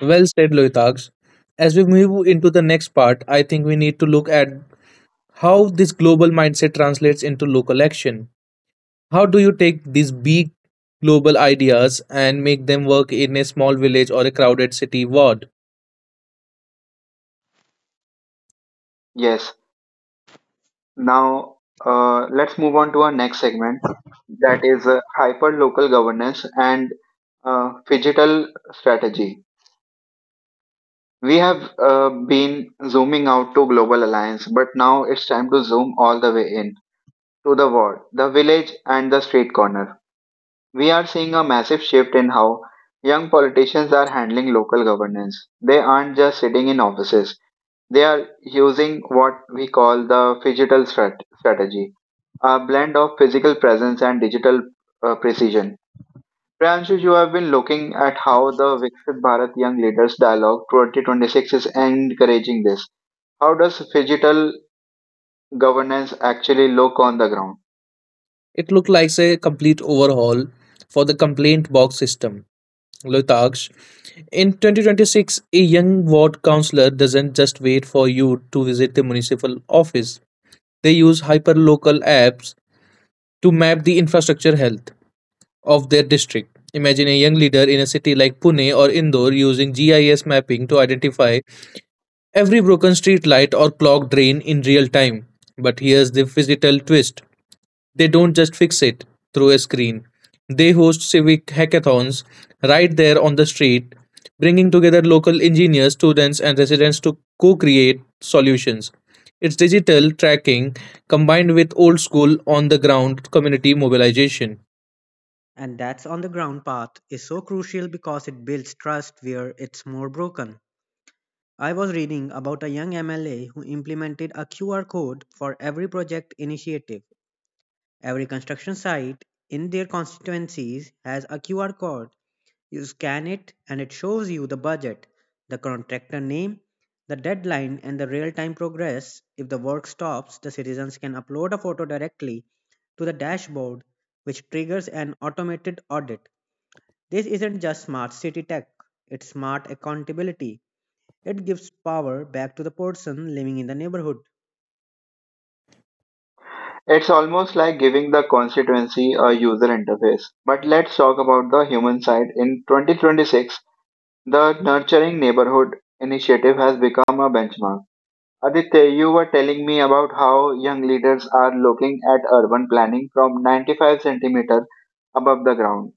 B: Well said, Loitaks. As we move into the next part, I think we need to look at how this global mindset translates into local action. How do you take these big global ideas and make them work in a small village or a crowded city ward?
A: Yes. Now, let's move on to our next segment, that is hyper local governance and digital strategy. We have been zooming out to global alliance, but now it's time to zoom all the way in to the ward, the village, and the street corner. We are seeing a massive shift in how young politicians are handling local governance. They aren't just sitting in offices. They are using what we call the phygital strategy, a blend of physical presence and digital precision. Priyanshu, you have been looking at how the Viksit Bharat Young Leaders Dialogue 2026 is encouraging this. How does phygital governance actually look on the ground?
B: It looked like a complete overhaul for the complaint box system. Lutaksh, in 2026, a young ward councillor doesn't just wait for you to visit the municipal office. They use hyperlocal apps to map the infrastructure health of their district. Imagine a young leader in a city like Pune or Indore using GIS mapping to identify every broken street light or clogged drain in real time. But here's the physical twist, they don't just fix it through a screen. They host civic hackathons right there on the street, bringing together local engineers, students, and residents to co create solutions. It's digital tracking combined with old school on the ground community mobilization.
C: And that's on the ground path is so crucial because it builds trust where it's more broken. I was reading about a young MLA who implemented a QR code for every project initiative. Every construction site in their constituencies has a QR code. You scan it and it shows you the budget, the contractor name, the deadline, and the real time progress. If the work stops, the citizens can upload a photo directly to the dashboard, which triggers an automated audit. This isn't just smart city tech, it's smart accountability. It gives power back to the person living in the neighborhood.
A: It's almost like giving the constituency a user interface. But let's talk about the human side. In 2026, the Nurturing Neighborhood initiative has become a benchmark. Aditya, you were telling me about how young leaders are looking at urban planning from 95 centimeter above the ground.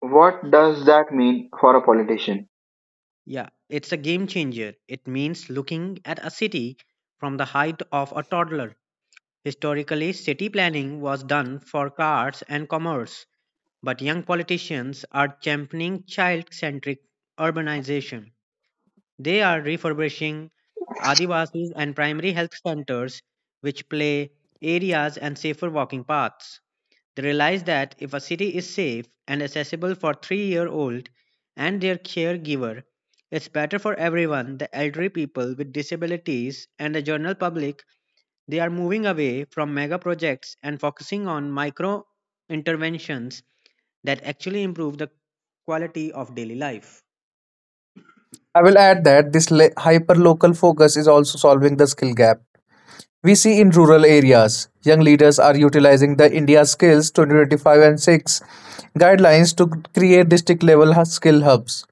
A: What does that mean for a politician?
C: Yeah, it's a game changer. It means looking at a city from the height of a toddler. Historically, city planning was done for cars and commerce, but young politicians are championing child centric urbanization. They are refurbishing Adivasis and primary health centers, which play areas and safer walking paths. They realize that if a city is safe and accessible for 3 year old and their caregiver, it's better for everyone, the elderly people with disabilities and the general public. They are moving away from mega projects and focusing on micro interventions that actually improve the quality of daily life.
B: I will add that this hyper-local focus is also solving the skill gap. We see in rural areas, young leaders are utilizing the India Skills 2025 and 6 guidelines to create district-level skill hubs.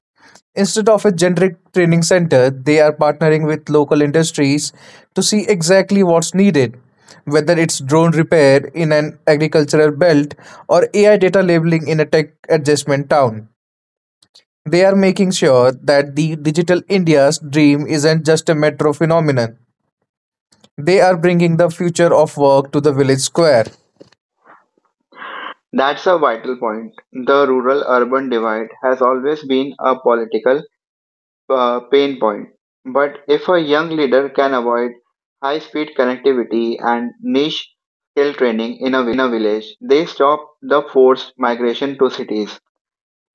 B: Instead of a generic training center, they are partnering with local industries to see exactly what's needed, whether it's drone repair in an agricultural belt or AI data labeling in a tech adjustment town. They are making sure that the digital India's dream isn't just a metro phenomenon. They are bringing the future of work to the village square.
A: That's a vital point. The rural urban divide has always been a political pain point. But if a young leader can avoid high speed connectivity and niche skill training in a village, they stop the forced migration to cities.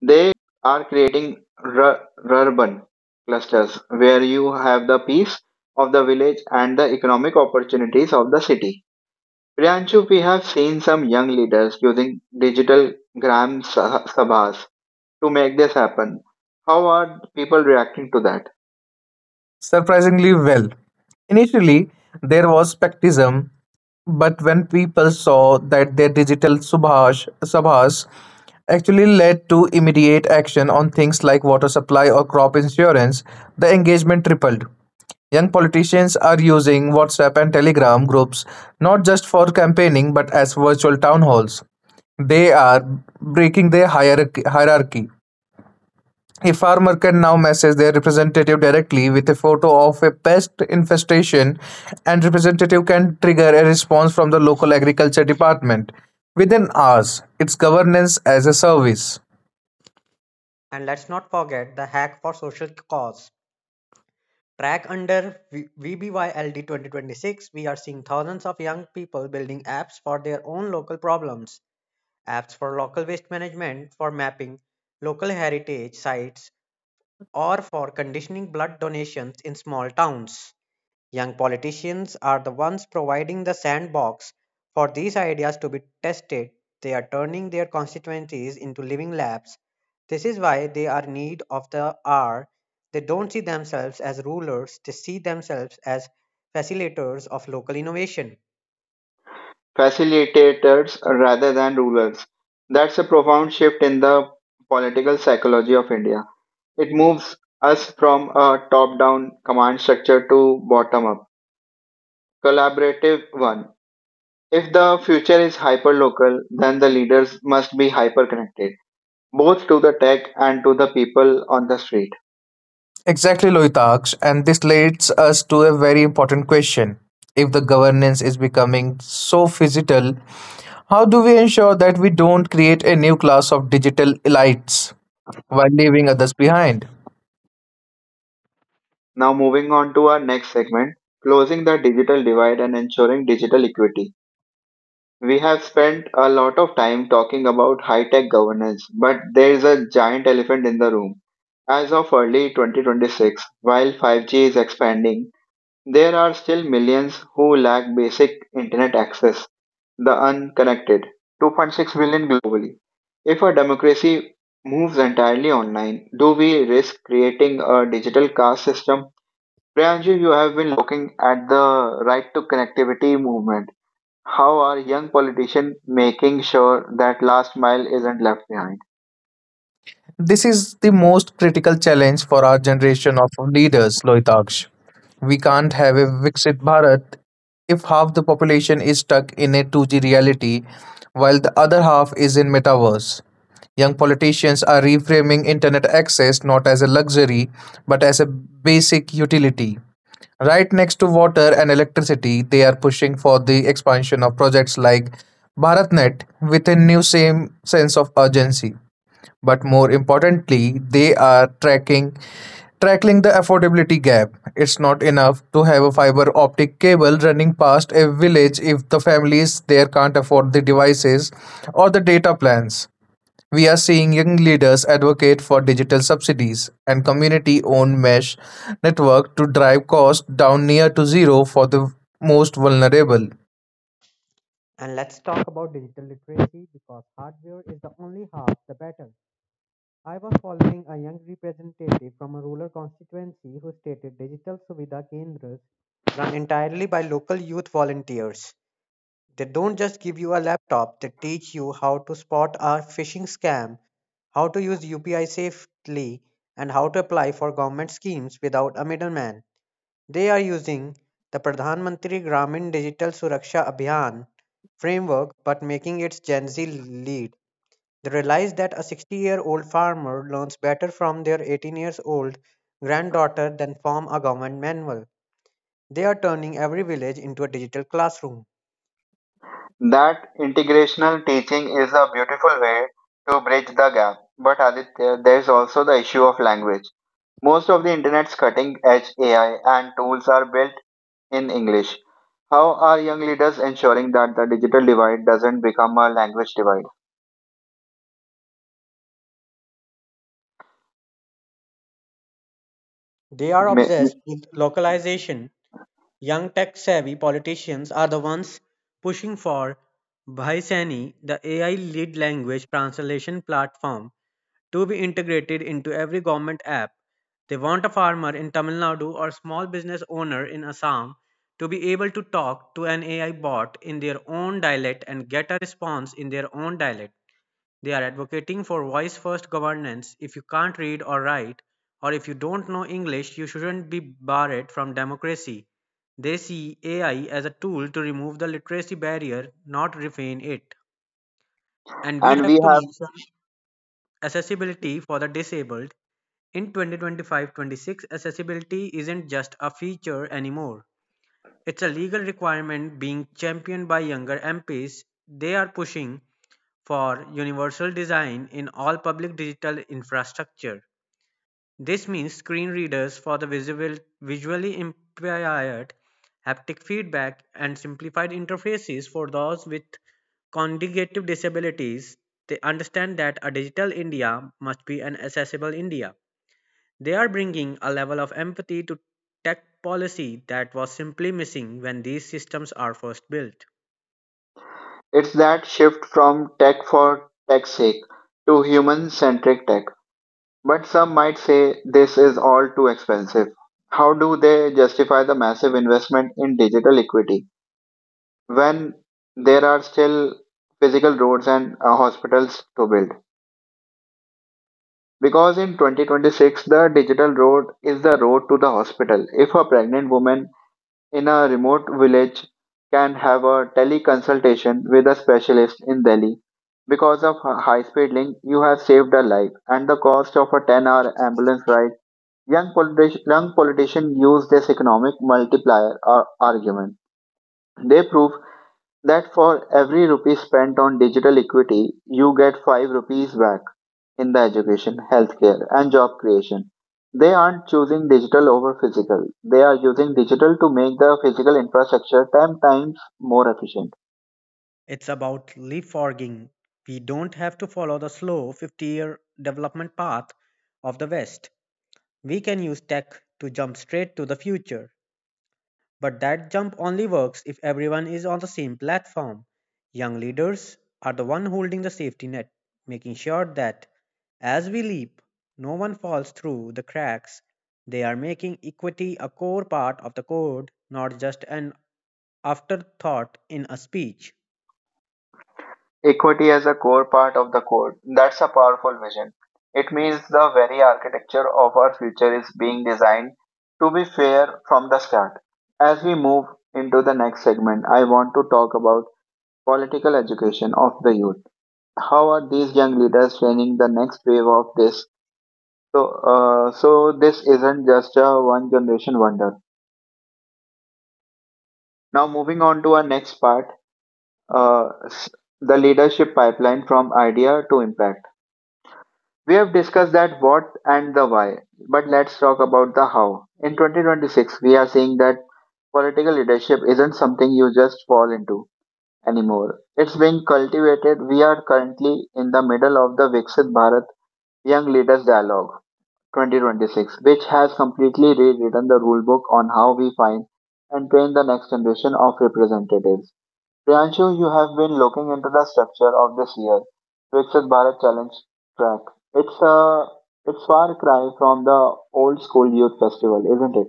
A: They are creating urban clusters where you have the peace of the village and the economic opportunities of the city. Priyanshu, we have seen some young leaders using digital gram sabhas to make this happen. How are people reacting to that?
B: Surprisingly well. Initially, there was skepticism, but when people saw that their digital subhash, subhas actually led to immediate action on things like water supply or crop insurance, the engagement tripled. Young politicians are using WhatsApp and Telegram groups not just for campaigning but as virtual town halls. They are breaking their hierarchy. A farmer can now message their representative directly with a photo of a pest infestation and representative can trigger a response from the local agriculture department within hours. It's governance as a service.
C: And let's not forget the hack for social cause. Track under VBYLD 2026, we are seeing thousands of young people building apps for their own local problems. Apps for local waste management, for mapping local heritage sites, or for conditioning blood donations in small towns. Young politicians are the ones providing the sandbox for these ideas to be tested. They are turning their constituencies into living labs. This is why they are need of the hour. They don't see themselves as rulers, they see themselves as facilitators of local innovation.
A: Facilitators rather than rulers. That's a profound shift in the political psychology of India. It moves us from a top down command structure to bottom up collaborative 1. If the future is hyperlocal, then the leaders must be hyperconnected, both to the tech and to the people on the street.
B: Exactly, Loitaksh, and this leads us to a very important question. If the governance is becoming so physical, how do we ensure that we don't create a new class of digital elites while leaving others behind?
A: Now, moving on to our next segment, closing the digital divide and ensuring digital equity. We have spent a lot of time talking about high tech governance, but there is a giant elephant in the room. As of early 2026, while 5G is expanding, there are still millions who lack basic internet access, the unconnected, 2.6 billion globally. If a democracy moves entirely online, do we risk creating a digital caste system? Priyanji, you have been looking at the right to connectivity movement. How are young politicians making sure that last mile isn't left behind?
B: This is the most critical challenge for our generation of leaders, Lohitaksh. We can't have a Viksit Bharat if half the population is stuck in a 2G reality while the other half is in metaverse. Young politicians are reframing internet access not as a luxury but as a basic utility. Right next to water and electricity, they are pushing for the expansion of projects like BharatNet with a new same sense of urgency. But more importantly, they are tracking tackling the affordability gap. It's not enough to have a fiber optic cable running past a village if the families there can't afford the devices or the data plans. We are seeing young leaders advocate for digital subsidies and community owned mesh network to drive costs down near to zero for the most vulnerable.
C: And let's talk about digital literacy because hardware is the only half the battle. I was following a young representative from a rural constituency who stated digital Suvidha Kendras run entirely by local youth volunteers. They don't just give you a laptop, they teach you how to spot a phishing scam, how to use UPI safely, and how to apply for government schemes without a middleman. They are using the Pradhan Mantri Gramin Digital Suraksha Abhiyan framework but making its Gen Z lead. They realize that a 60-year-old farmer learns better from their 18 years old granddaughter than from a government manual. They are turning every village into a digital classroom.
A: That integrational teaching is a beautiful way to bridge the gap. But Aditya, there's also the issue of language. Most of the internet's cutting edge AI and tools are built in English. How are young leaders ensuring that the digital divide doesn't become a language divide?
C: They are
A: Ma-
C: obsessed with localization. Young tech-savvy politicians are the ones pushing for Bhaisani, the AI-led language translation platform, to be integrated into every government app. They want a farmer in Tamil Nadu or small business owner in Assam to be able to talk to an AI bot in their own dialect and get a response in their own dialect. They are advocating for voice first governance. If you can't read or write, or if you don't know English, you shouldn't be barred from democracy. They see AI as a tool to remove the literacy barrier, not refine it. And we
A: And we
C: have to
A: have
C: mention accessibility for the disabled. In 2025 26, accessibility isn't just a feature anymore. It's a legal requirement being championed by younger MPs. They are pushing for universal design in all public digital infrastructure. This means screen readers for the visible, visually impaired, haptic feedback, and simplified interfaces for those with cognitive disabilities. They understand that a digital India must be an accessible India. They are bringing a level of empathy to tech policy that was simply missing when these systems are first built.
A: it's that shift from tech for tech's sake to human centric tech. But some might say this is all too expensive. How do they justify the massive investment in digital equity when there are still physical roads and hospitals to build? Because in 2026, the digital road is the road to the hospital. If a pregnant woman in a remote village can have a teleconsultation with a specialist in Delhi, because of a high-speed link, you have saved a life, and the cost of a 10-hour ambulance ride. Young politicians use this economic multiplier argument. They prove that for every rupee spent on digital equity, you get 5 rupees back in the education, healthcare, and job creation. They aren't choosing digital over physical. They are using digital to make the physical infrastructure 10 times more efficient.
C: It's about leapfrogging. We don't have to follow the slow 50-year development path of the West. We can use tech to jump straight to the future. But that jump only works if everyone is on the same platform. Young leaders are the one holding the safety net, making sure that as we leap, no one falls through the cracks. They are making equity a core part of the code, not just an afterthought in a speech.
A: Equity as a core part of the code. That's a powerful vision. It means the very architecture of our future is being designed to be fair from the start. As we move into the next segment, I want to talk about political education of the youth. How are these young leaders training the next wave of this? So, so this isn't just a one generation wonder. Now, moving on to our next part, uh, s- the leadership pipeline from idea to impact. We have discussed that what and the why, but let's talk about the how. In 2026, we are seeing that political leadership isn't something you just fall into anymore. It's being cultivated. We are currently in the middle of the Viksit Bharat Young Leaders Dialogue 2026, which has completely rewritten the rulebook on how we find and train the next generation of representatives. Priyanshu, you have been looking into the structure of this year Viksit Bharat Challenge track. It's a it's far cry from the old school youth festival, isn't it?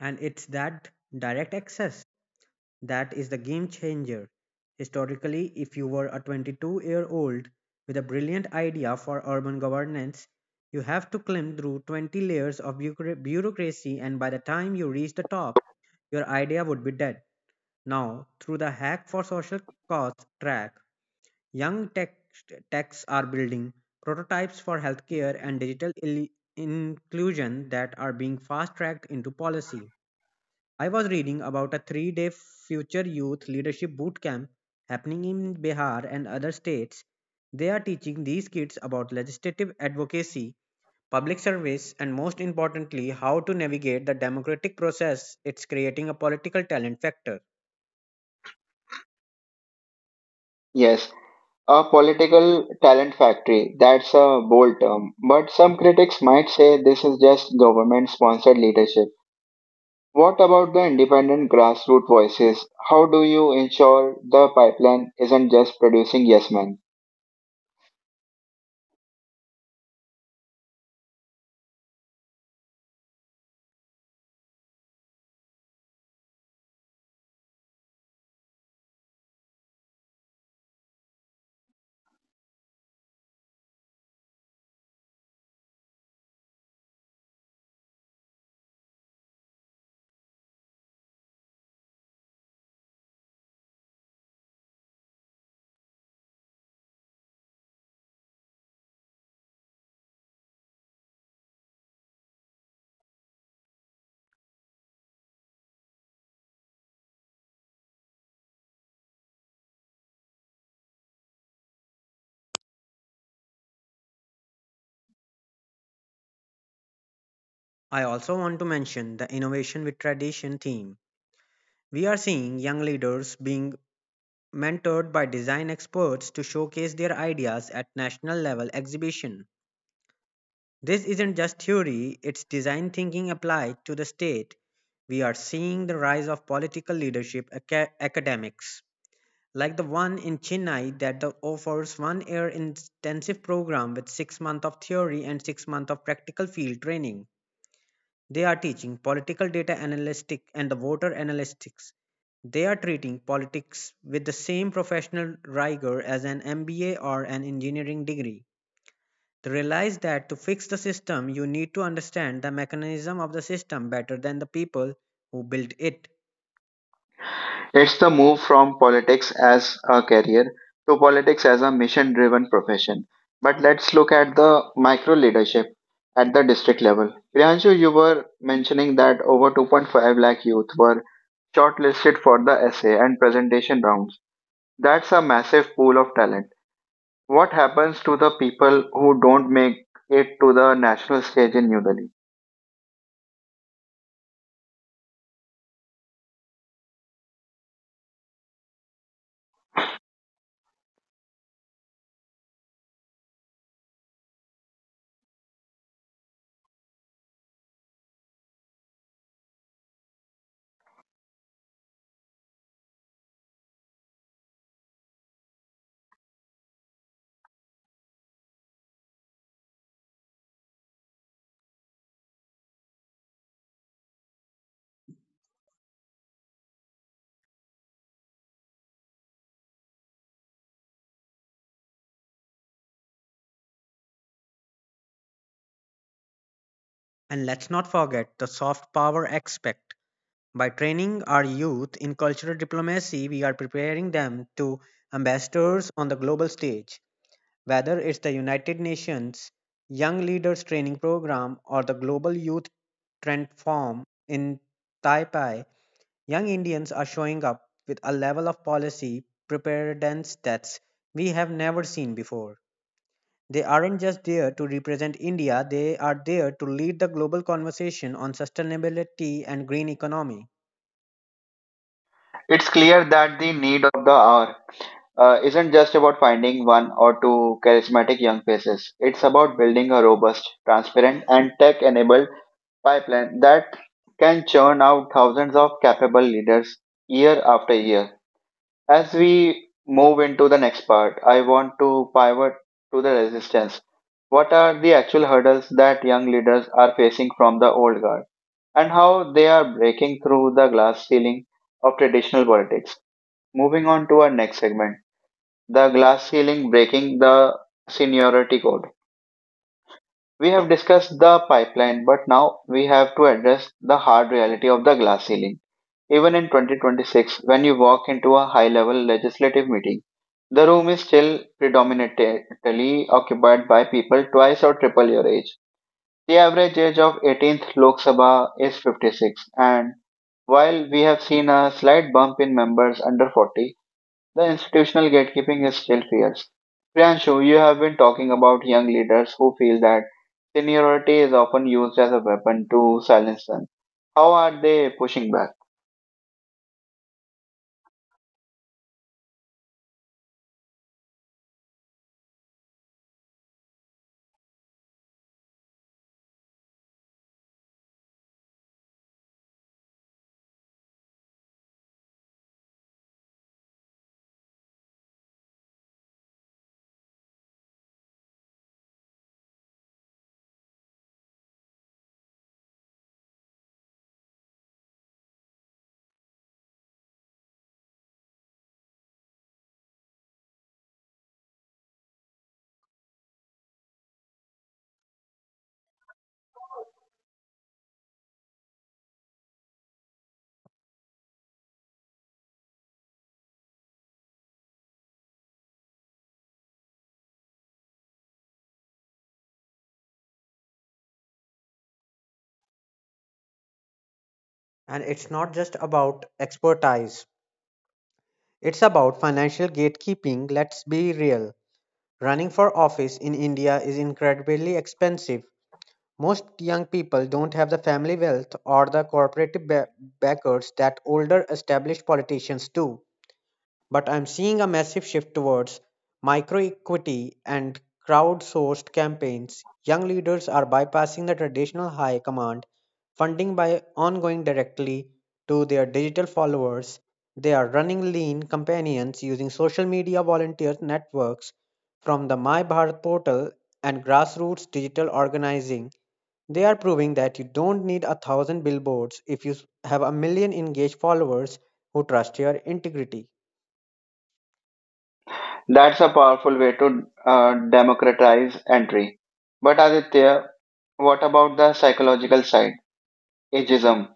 C: And it's that direct access that is the game changer. Historically, if you were a 22-year-old with a brilliant idea for urban governance, you have to climb through 20 layers of bureaucracy, and by the time you reach the top, your idea would be dead. Now, through the Hack for Social Cause track, young techs are building prototypes for healthcare and digital inclusion that are being fast tracked into policy. I was reading about a 3 day future youth leadership boot camp happening in Bihar and other states. They are teaching these kids about legislative advocacy, public service, and most importantly, how to navigate the democratic process. It's creating a political talent factor.
A: Yes, a political talent factory. That's a bold term, but some critics might say this is just government-sponsored leadership. What about the independent grassroots voices? How do you ensure the pipeline isn't just producing yes men?
C: I also want to mention the innovation with tradition theme. We are seeing young leaders being mentored by design experts to showcase their ideas at national level exhibition. This isn't just theory, it's design thinking applied to the state. We are seeing the rise of political leadership academics, like the one in Chennai that offers 1 year intensive program with 6 months of theory and 6 months of practical field training. They are teaching political data analytics and the voter analytics. They are treating politics with the same professional rigor as an MBA or an engineering degree. They realized that to fix the system, you need to understand the mechanism of the system better than the people who built it.
A: It's the move from politics as a career to politics as a mission driven profession. But let's look at the micro leadership at the district level. Priyanshu, you were mentioning that over 2.5 lakh youth were shortlisted for the essay and presentation rounds. That's a massive pool of talent. What happens to the people who don't make it to the national stage in New Delhi?
C: And let's not forget the soft power aspect. By training our youth in cultural diplomacy, we are preparing them to ambassadors on the global stage. Whether it's the United Nations Young Leaders Training Program or the Global Youth Trend Forum in Taipei, Young Indians are showing up with a level of policy preparedness that we have never seen before. They aren't just there to represent India, they are there to lead the global conversation on sustainability and green economy.
A: It's clear that the need of the hour isn't just about finding one or two charismatic young faces. It's about building a robust, transparent, and tech enabled pipeline that can churn out thousands of capable leaders year after year. As we move into the next part, I want to pivot to the resistance. What are the actual hurdles that young leaders are facing from the old guard, and how they are breaking through the glass ceiling of traditional politics? Moving on to our next segment, the glass ceiling breaking the seniority code. We have discussed the pipeline, but now we have to address the hard reality of the glass ceiling. Even in 2026, when you walk into a high level legislative meeting, the room is still predominantly occupied by people twice or triple your age. The average age of 18th Lok Sabha is 56, and while we have seen a slight bump in members under 40, the institutional gatekeeping is still fierce. Priyanshu, you have been talking about young leaders who feel that seniority is often used as a weapon to silence them. How are they pushing back?
C: And it's not just about expertise, it's about financial gatekeeping. Let's be real. Running for office in India is incredibly expensive. Most young people don't have the family wealth or the corporate backers that older established politicians do. But I'm seeing a massive shift towards micro equity and crowdsourced campaigns. Young leaders are bypassing the traditional high command funding by ongoing directly to their digital followers. They are running lean companions using social media volunteer networks from the My Bharat portal and grassroots digital organizing. They are proving that you don't need a thousand billboards if you have a million engaged followers who trust your integrity.
A: That's a powerful way to democratize entry. But Aditya, what about the psychological side? Ageism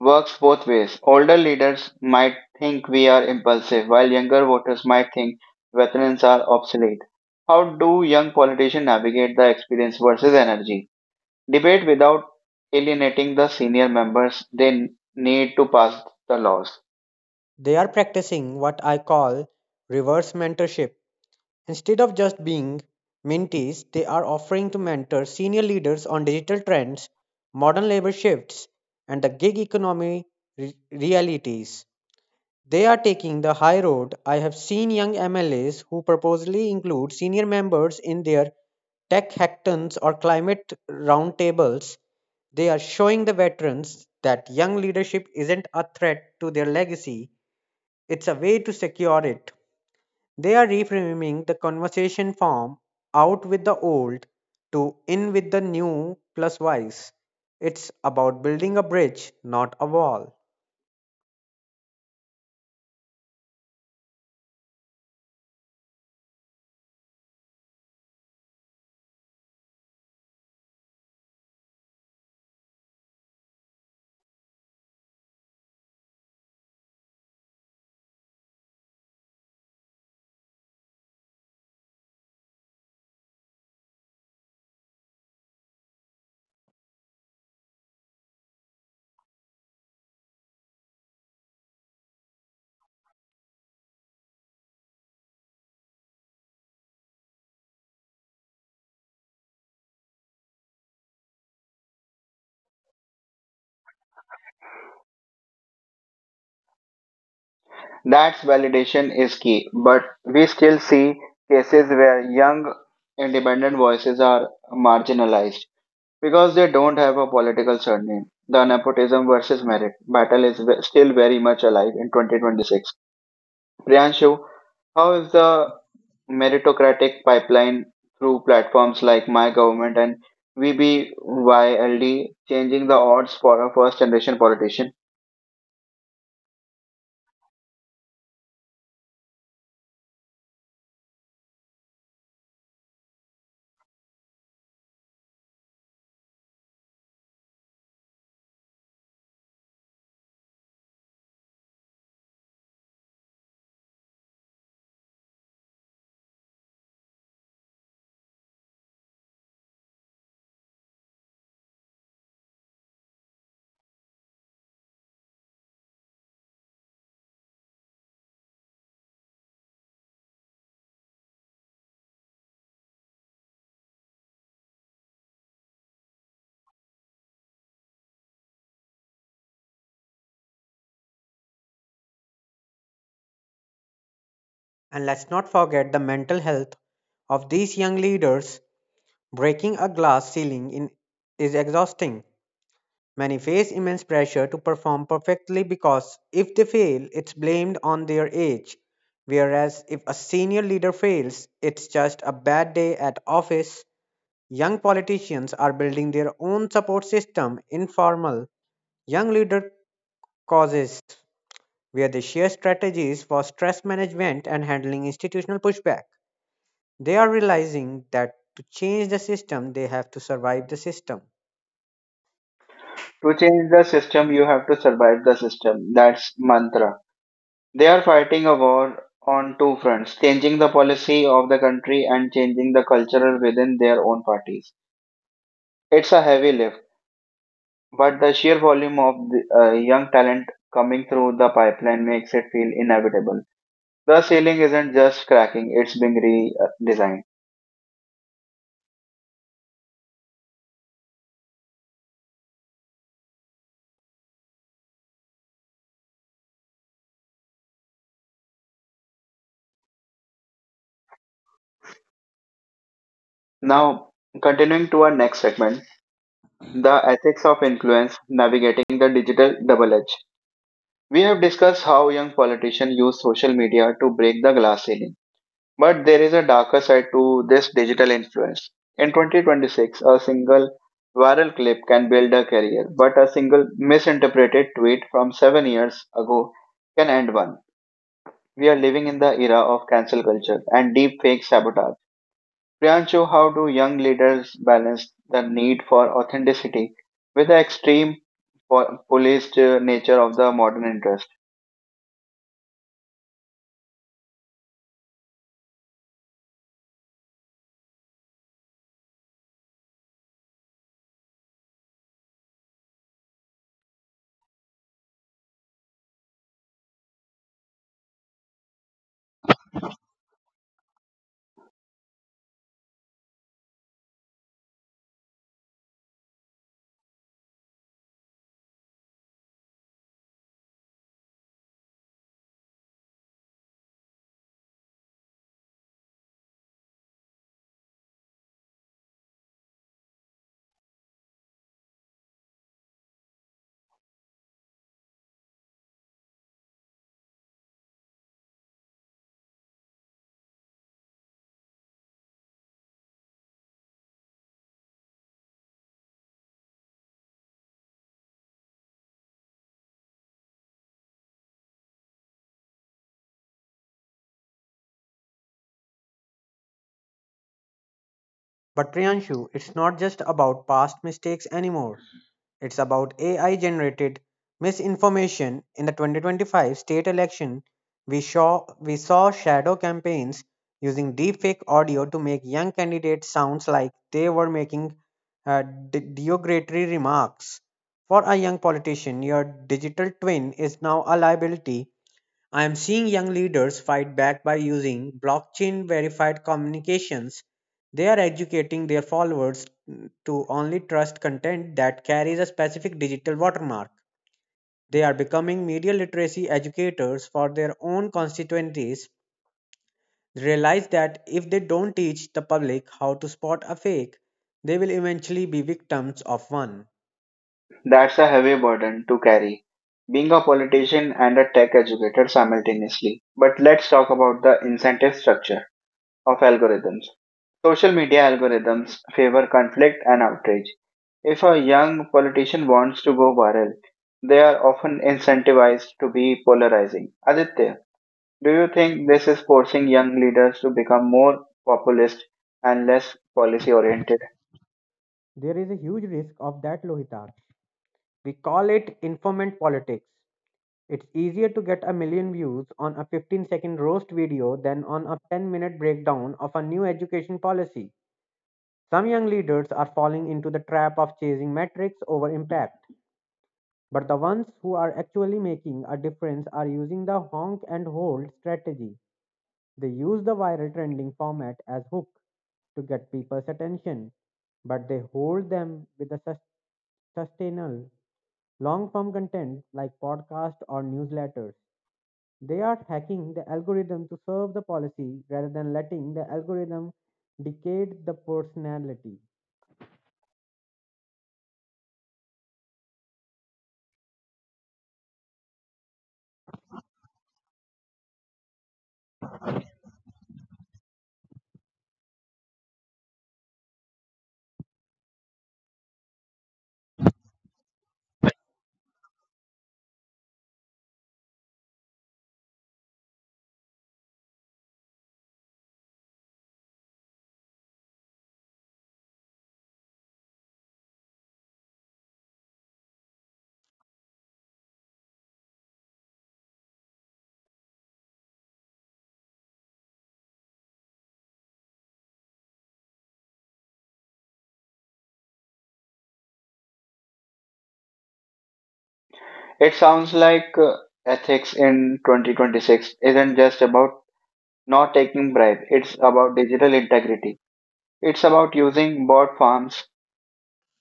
A: works both ways. Older leaders might think we are impulsive, while younger voters might think veterans are obsolete. How do young politicians navigate the experience versus energy debate without alienating the senior members they need to pass the laws?
C: They are practicing what I call reverse mentorship. Instead of just being mentees, they are offering to mentor senior leaders on digital trends, modern labor shifts, and the gig economy re- realities. They are taking the high road. I have seen young MLAs who purposely include senior members in their tech hackathons or climate roundtables. They are showing the veterans that young leadership isn't a threat to their legacy, it's a way to secure it. They are reframing the conversation from "out with the old" to "in with the new plus wise." It's about building a bridge, not a wall.
A: That's validation is key, but we still see cases where young independent voices are marginalized because they don't have a political surname. The nepotism versus merit battle is still very much alive in 2026. Priyanshu, how is the meritocratic pipeline through platforms like My Government and VBYLD changing the odds for a first generation politician?
C: And let's not forget the mental health of these young leaders. Breaking a glass ceiling in, is exhausting. Many face immense pressure to perform perfectly because if they fail, it's blamed on their age, whereas if a senior leader fails, it's just a bad day at office. Young politicians are building their own support system, informal young leader causes, where they share strategies for stress management and handling institutional pushback. They are realizing that to change the system, they have to survive the system.
A: To change the system, you have to survive the system. That's mantra. They are fighting a war on two fronts, changing the policy of the country and changing the culture within their own parties. It's a heavy lift, but the sheer volume of the young talent coming through the pipeline makes it feel inevitable. The ceiling isn't just cracking, it's being redesigned. Now, continuing to our next segment, the ethics of influence, navigating the digital double edge. We have discussed how young politicians use social media to break the glass ceiling. But there is a darker side to this digital influence. In 2026, a single viral clip can build a career, but a single misinterpreted tweet from 7 years ago can end one. We are living in the era of cancel culture and deep fake sabotage. Priyanshu, how do young leaders balance the need for authenticity with the extreme policed nature of the modern interest?
C: But Priyanshu, it's not just about past mistakes anymore. It's about AI generated misinformation. In the 2025 state election, we saw shadow campaigns using deepfake audio to make young candidates sounds like they were making uh, derogatory remarks. For a young politician, your digital twin is now a liability. I am seeing young leaders fight back by using blockchain verified communications. They are educating their followers to only trust content that carries a specific digital watermark. They are becoming media literacy educators for their own constituencies. They realize that if they don't teach the public how to spot a fake, they will eventually be victims of one.
A: That's a heavy burden to carry, being a politician and a tech educator simultaneously. But let's talk about the incentive structure of algorithms. Social media algorithms favor conflict and outrage. If a young politician wants to go viral, they are often incentivized to be polarizing. Aditya, do you think this is forcing young leaders to become more populist and less policy oriented?
C: There is a huge risk of that, Lohitak. We call it informant politics. It's easier to get a million views on a 15-second roast video than on a 10-minute breakdown of a new education policy. Some young leaders are falling into the trap of chasing metrics over impact, but the ones who are actually making a difference are using the honk and hold strategy. They use the viral trending format as hook to get people's attention, but they hold them with a sustainable long form content like podcasts or newsletters. They are hacking the algorithm to serve the policy rather than letting the algorithm dictate the personality.
A: It sounds like ethics in 2026 isn't just about not taking bribe. It's about digital integrity. It's about using bot farms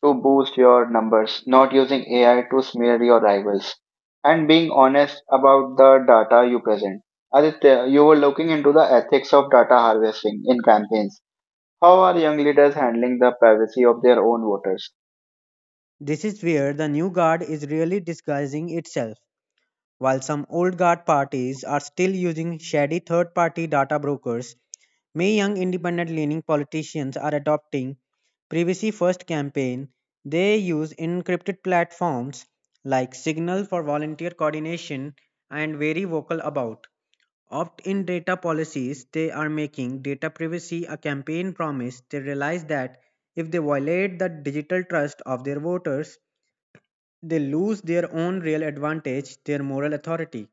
A: to boost your numbers, not using AI to smear your rivals, and being honest about the data you present. Aditya, you were looking into the ethics of data harvesting in campaigns. How are young leaders handling the privacy of their own voters?
C: This is where the new guard is really disguising itself. While some old guard parties are still using shady third party data brokers, many young independent leaning politicians are adopting privacy first campaign. They use encrypted platforms like Signal for volunteer coordination and very vocal about opt in data policies. They are making data privacy a campaign promise. They realize that if they violate the digital trust of their voters, they lose their own real advantage, their moral authority.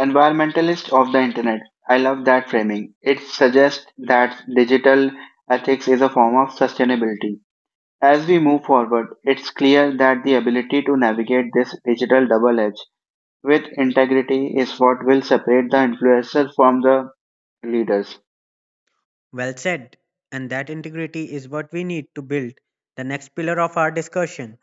A: Environmentalist of the internet. I love that framing. It suggests that digital ethics is a form of sustainability. As we move forward, it's clear that the ability to navigate this digital double edge with integrity is what will separate the influencers from the leaders.
C: Well said. And that integrity is what we need to build the next pillar of our discussion,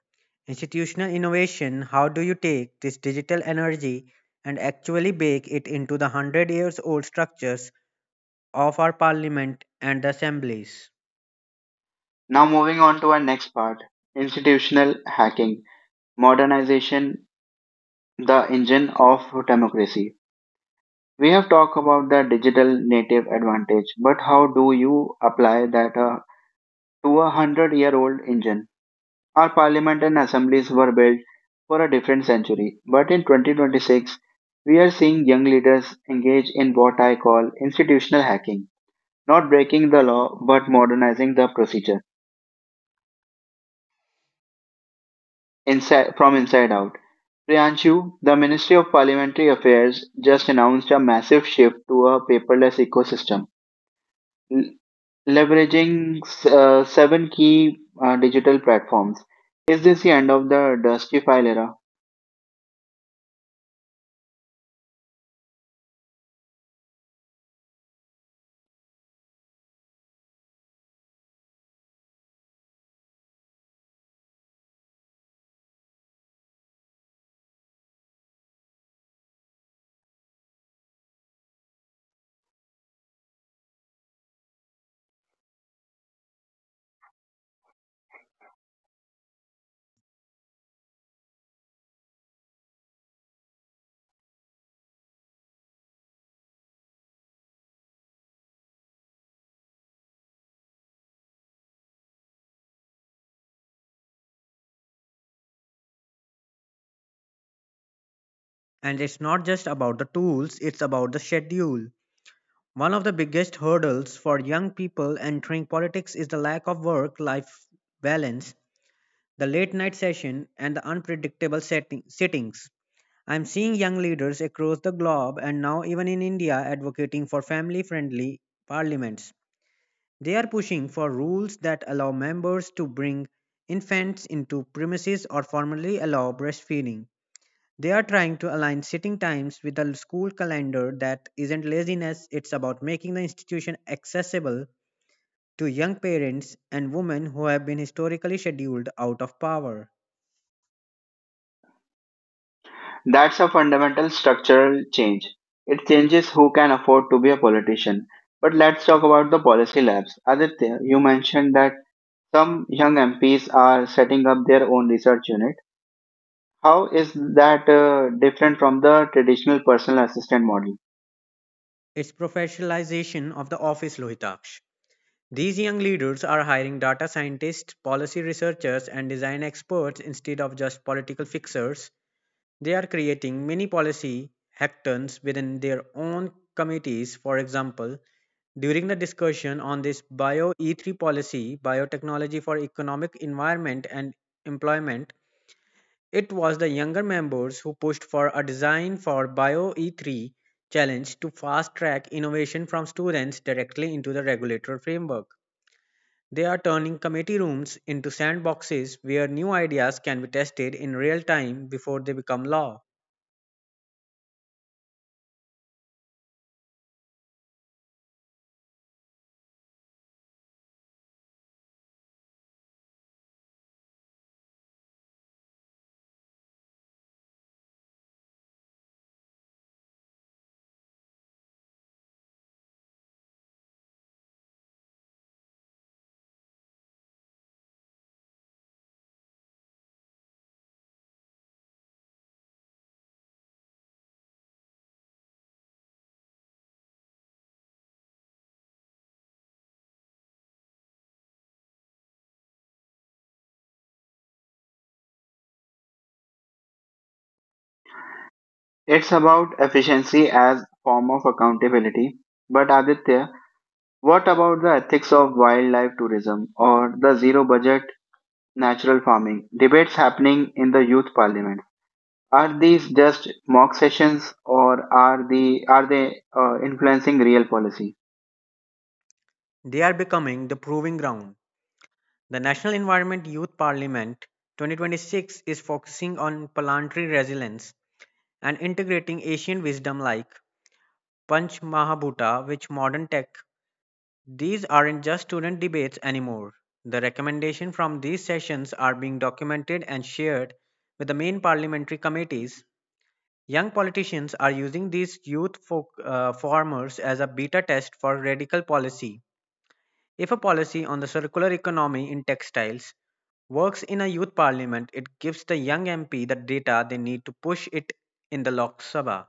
C: institutional innovation. How do you take this digital energy and actually bake it into the 100 years old structures of our parliament and the assemblies?
A: Now, moving on to our next part, institutional hacking, modernization, the engine of democracy. We have talked about the digital native advantage, but how do you apply that to a 100-year-old engine? Our parliament and assemblies were built for a different century, but in 2026, we are seeing young leaders engage in what I call institutional hacking, not breaking the law but modernizing the procedure inside, from inside out. Priyanshu, the Ministry of Parliamentary Affairs just announced a massive shift to a paperless ecosystem, l- leveraging seven key digital platforms. Is this the end of the dusty file era?
C: And it's not just about the tools, it's about the schedule. One of the biggest hurdles for young people entering politics is the lack of work life balance, the late night session, and the unpredictable sittings. I'm seeing young leaders across the globe and now even in India advocating for family friendly parliaments. They are pushing for rules that allow members to bring infants into premises or formally allow breastfeeding. They are trying to align sitting times with the school calendar. That isn't laziness, it's about making the institution accessible to young parents and women who have been historically scheduled out of power.
A: That's a fundamental structural change. It changes who can afford to be a politician. But let's talk about the policy labs. Aditya, you mentioned that some young MPs are setting up their own research unit. How is that different from the traditional personal assistant model?
C: It's professionalization of the office, Lohitaksh. These young leaders are hiring data scientists, policy researchers, and design experts instead of just political fixers. They are creating mini policy hackathons within their own committees. For example, during the discussion on this Bio E3 policy, biotechnology for economic environment and employment, it was the younger members who pushed for a design for Bio E3 challenge to fast track innovation from students directly into the regulatory framework. They are turning committee rooms into sandboxes where new ideas can be tested in real time before they become law.
A: It's about efficiency as form of accountability. But Aditya, what about the ethics of wildlife tourism or the zero budget natural farming debates happening in the youth parliament? Are these just mock sessions, or are they influencing real policy?
C: They are becoming the proving ground. The National Environment Youth Parliament 2026 is focusing on planetary resilience and integrating Asian wisdom like Panch Mahabhuta with modern tech. These aren't just student debates anymore. The recommendations from these sessions are being documented and shared with the main parliamentary committees. Young politicians are using these formers as a beta test for radical policy. If a policy on the circular economy in textiles works in a youth parliament, it gives the young MP the data they need to push it in the Lok Sabha.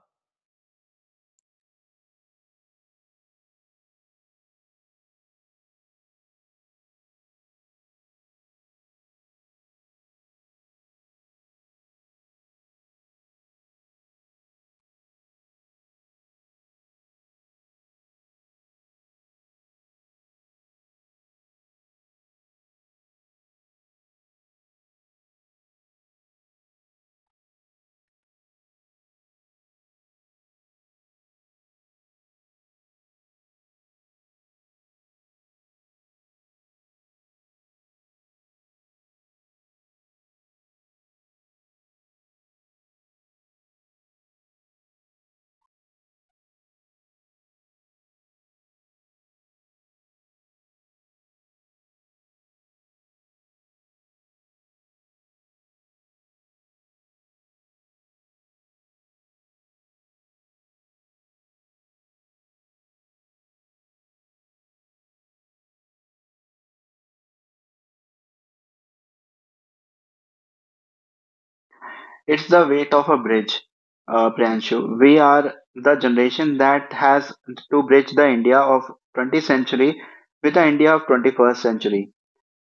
A: It's the weight of a bridge, Priyanshu. We are the generation that has to bridge the India of 20th century with the India of 21st century.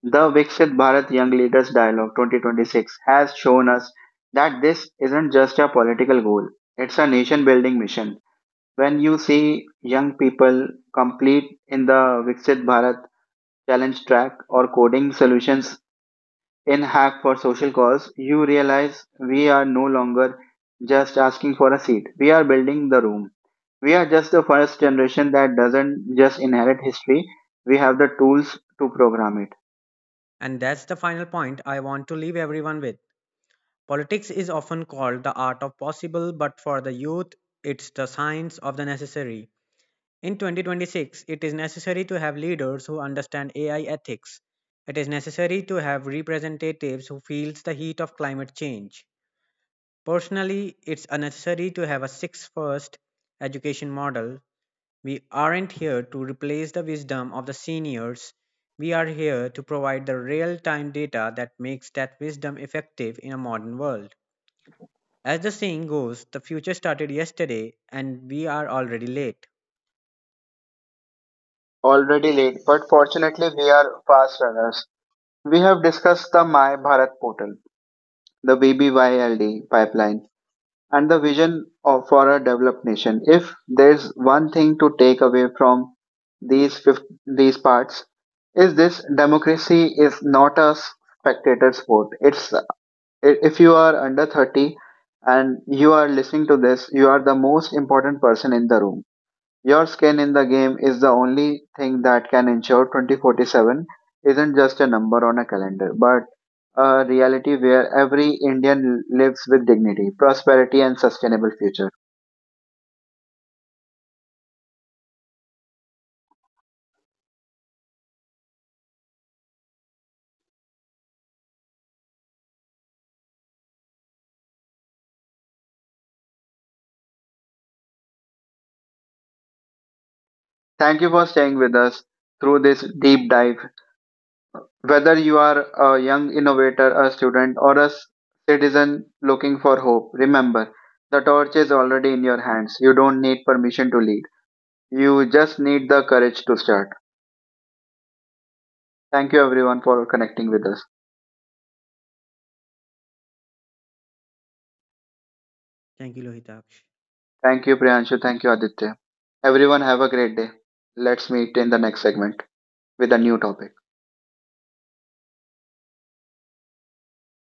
A: The Viksit Bharat Young Leaders Dialogue 2026 has shown us that this isn't just a political goal; it's a nation-building mission. When you see young people complete in the Viksit Bharat challenge track, or coding solutions in Hack for Social Cause, you realize we are no longer just asking for a seat. We are building the room. We are just the first generation that doesn't just inherit history, we have the tools to program it.
C: And that's the final point I want to leave everyone with. Politics is often called the art of possible, but for the youth, it's the science of the necessary. In 2026, it is necessary to have leaders who understand AI ethics. It is necessary to have representatives who feels the heat of climate change. Personally, it's unnecessary to have a six first education model. We aren't here to replace the wisdom of the seniors. We are here to provide the real time data that makes that wisdom effective in a modern world. As the saying goes, the future started yesterday and we are already late.
A: Already late, but fortunately, we are fast runners. We have discussed the My Bharat portal, the BBYLD pipeline, and the vision of, for a developed nation. If there's one thing to take away from these these parts, is this democracy is not a spectator sport. It's if you are under 30 and you are listening to this, you are the most important person in the room. Your skin in the game is the only thing that can ensure 2047 isn't just a number on a calendar, but a reality where every Indian lives with dignity, prosperity, and sustainable future. Thank you for staying with us through this deep dive. Whether you are a young innovator, a student, or a citizen looking for hope, remember the torch is already in your hands. You don't need permission to lead, you just need the courage to start. Thank you, everyone, for connecting with us.
C: Thank you, Lohita.
A: Thank you, Priyanshu. Thank you, Aditya. Everyone, have a great day. Let's meet in the next segment with a new topic.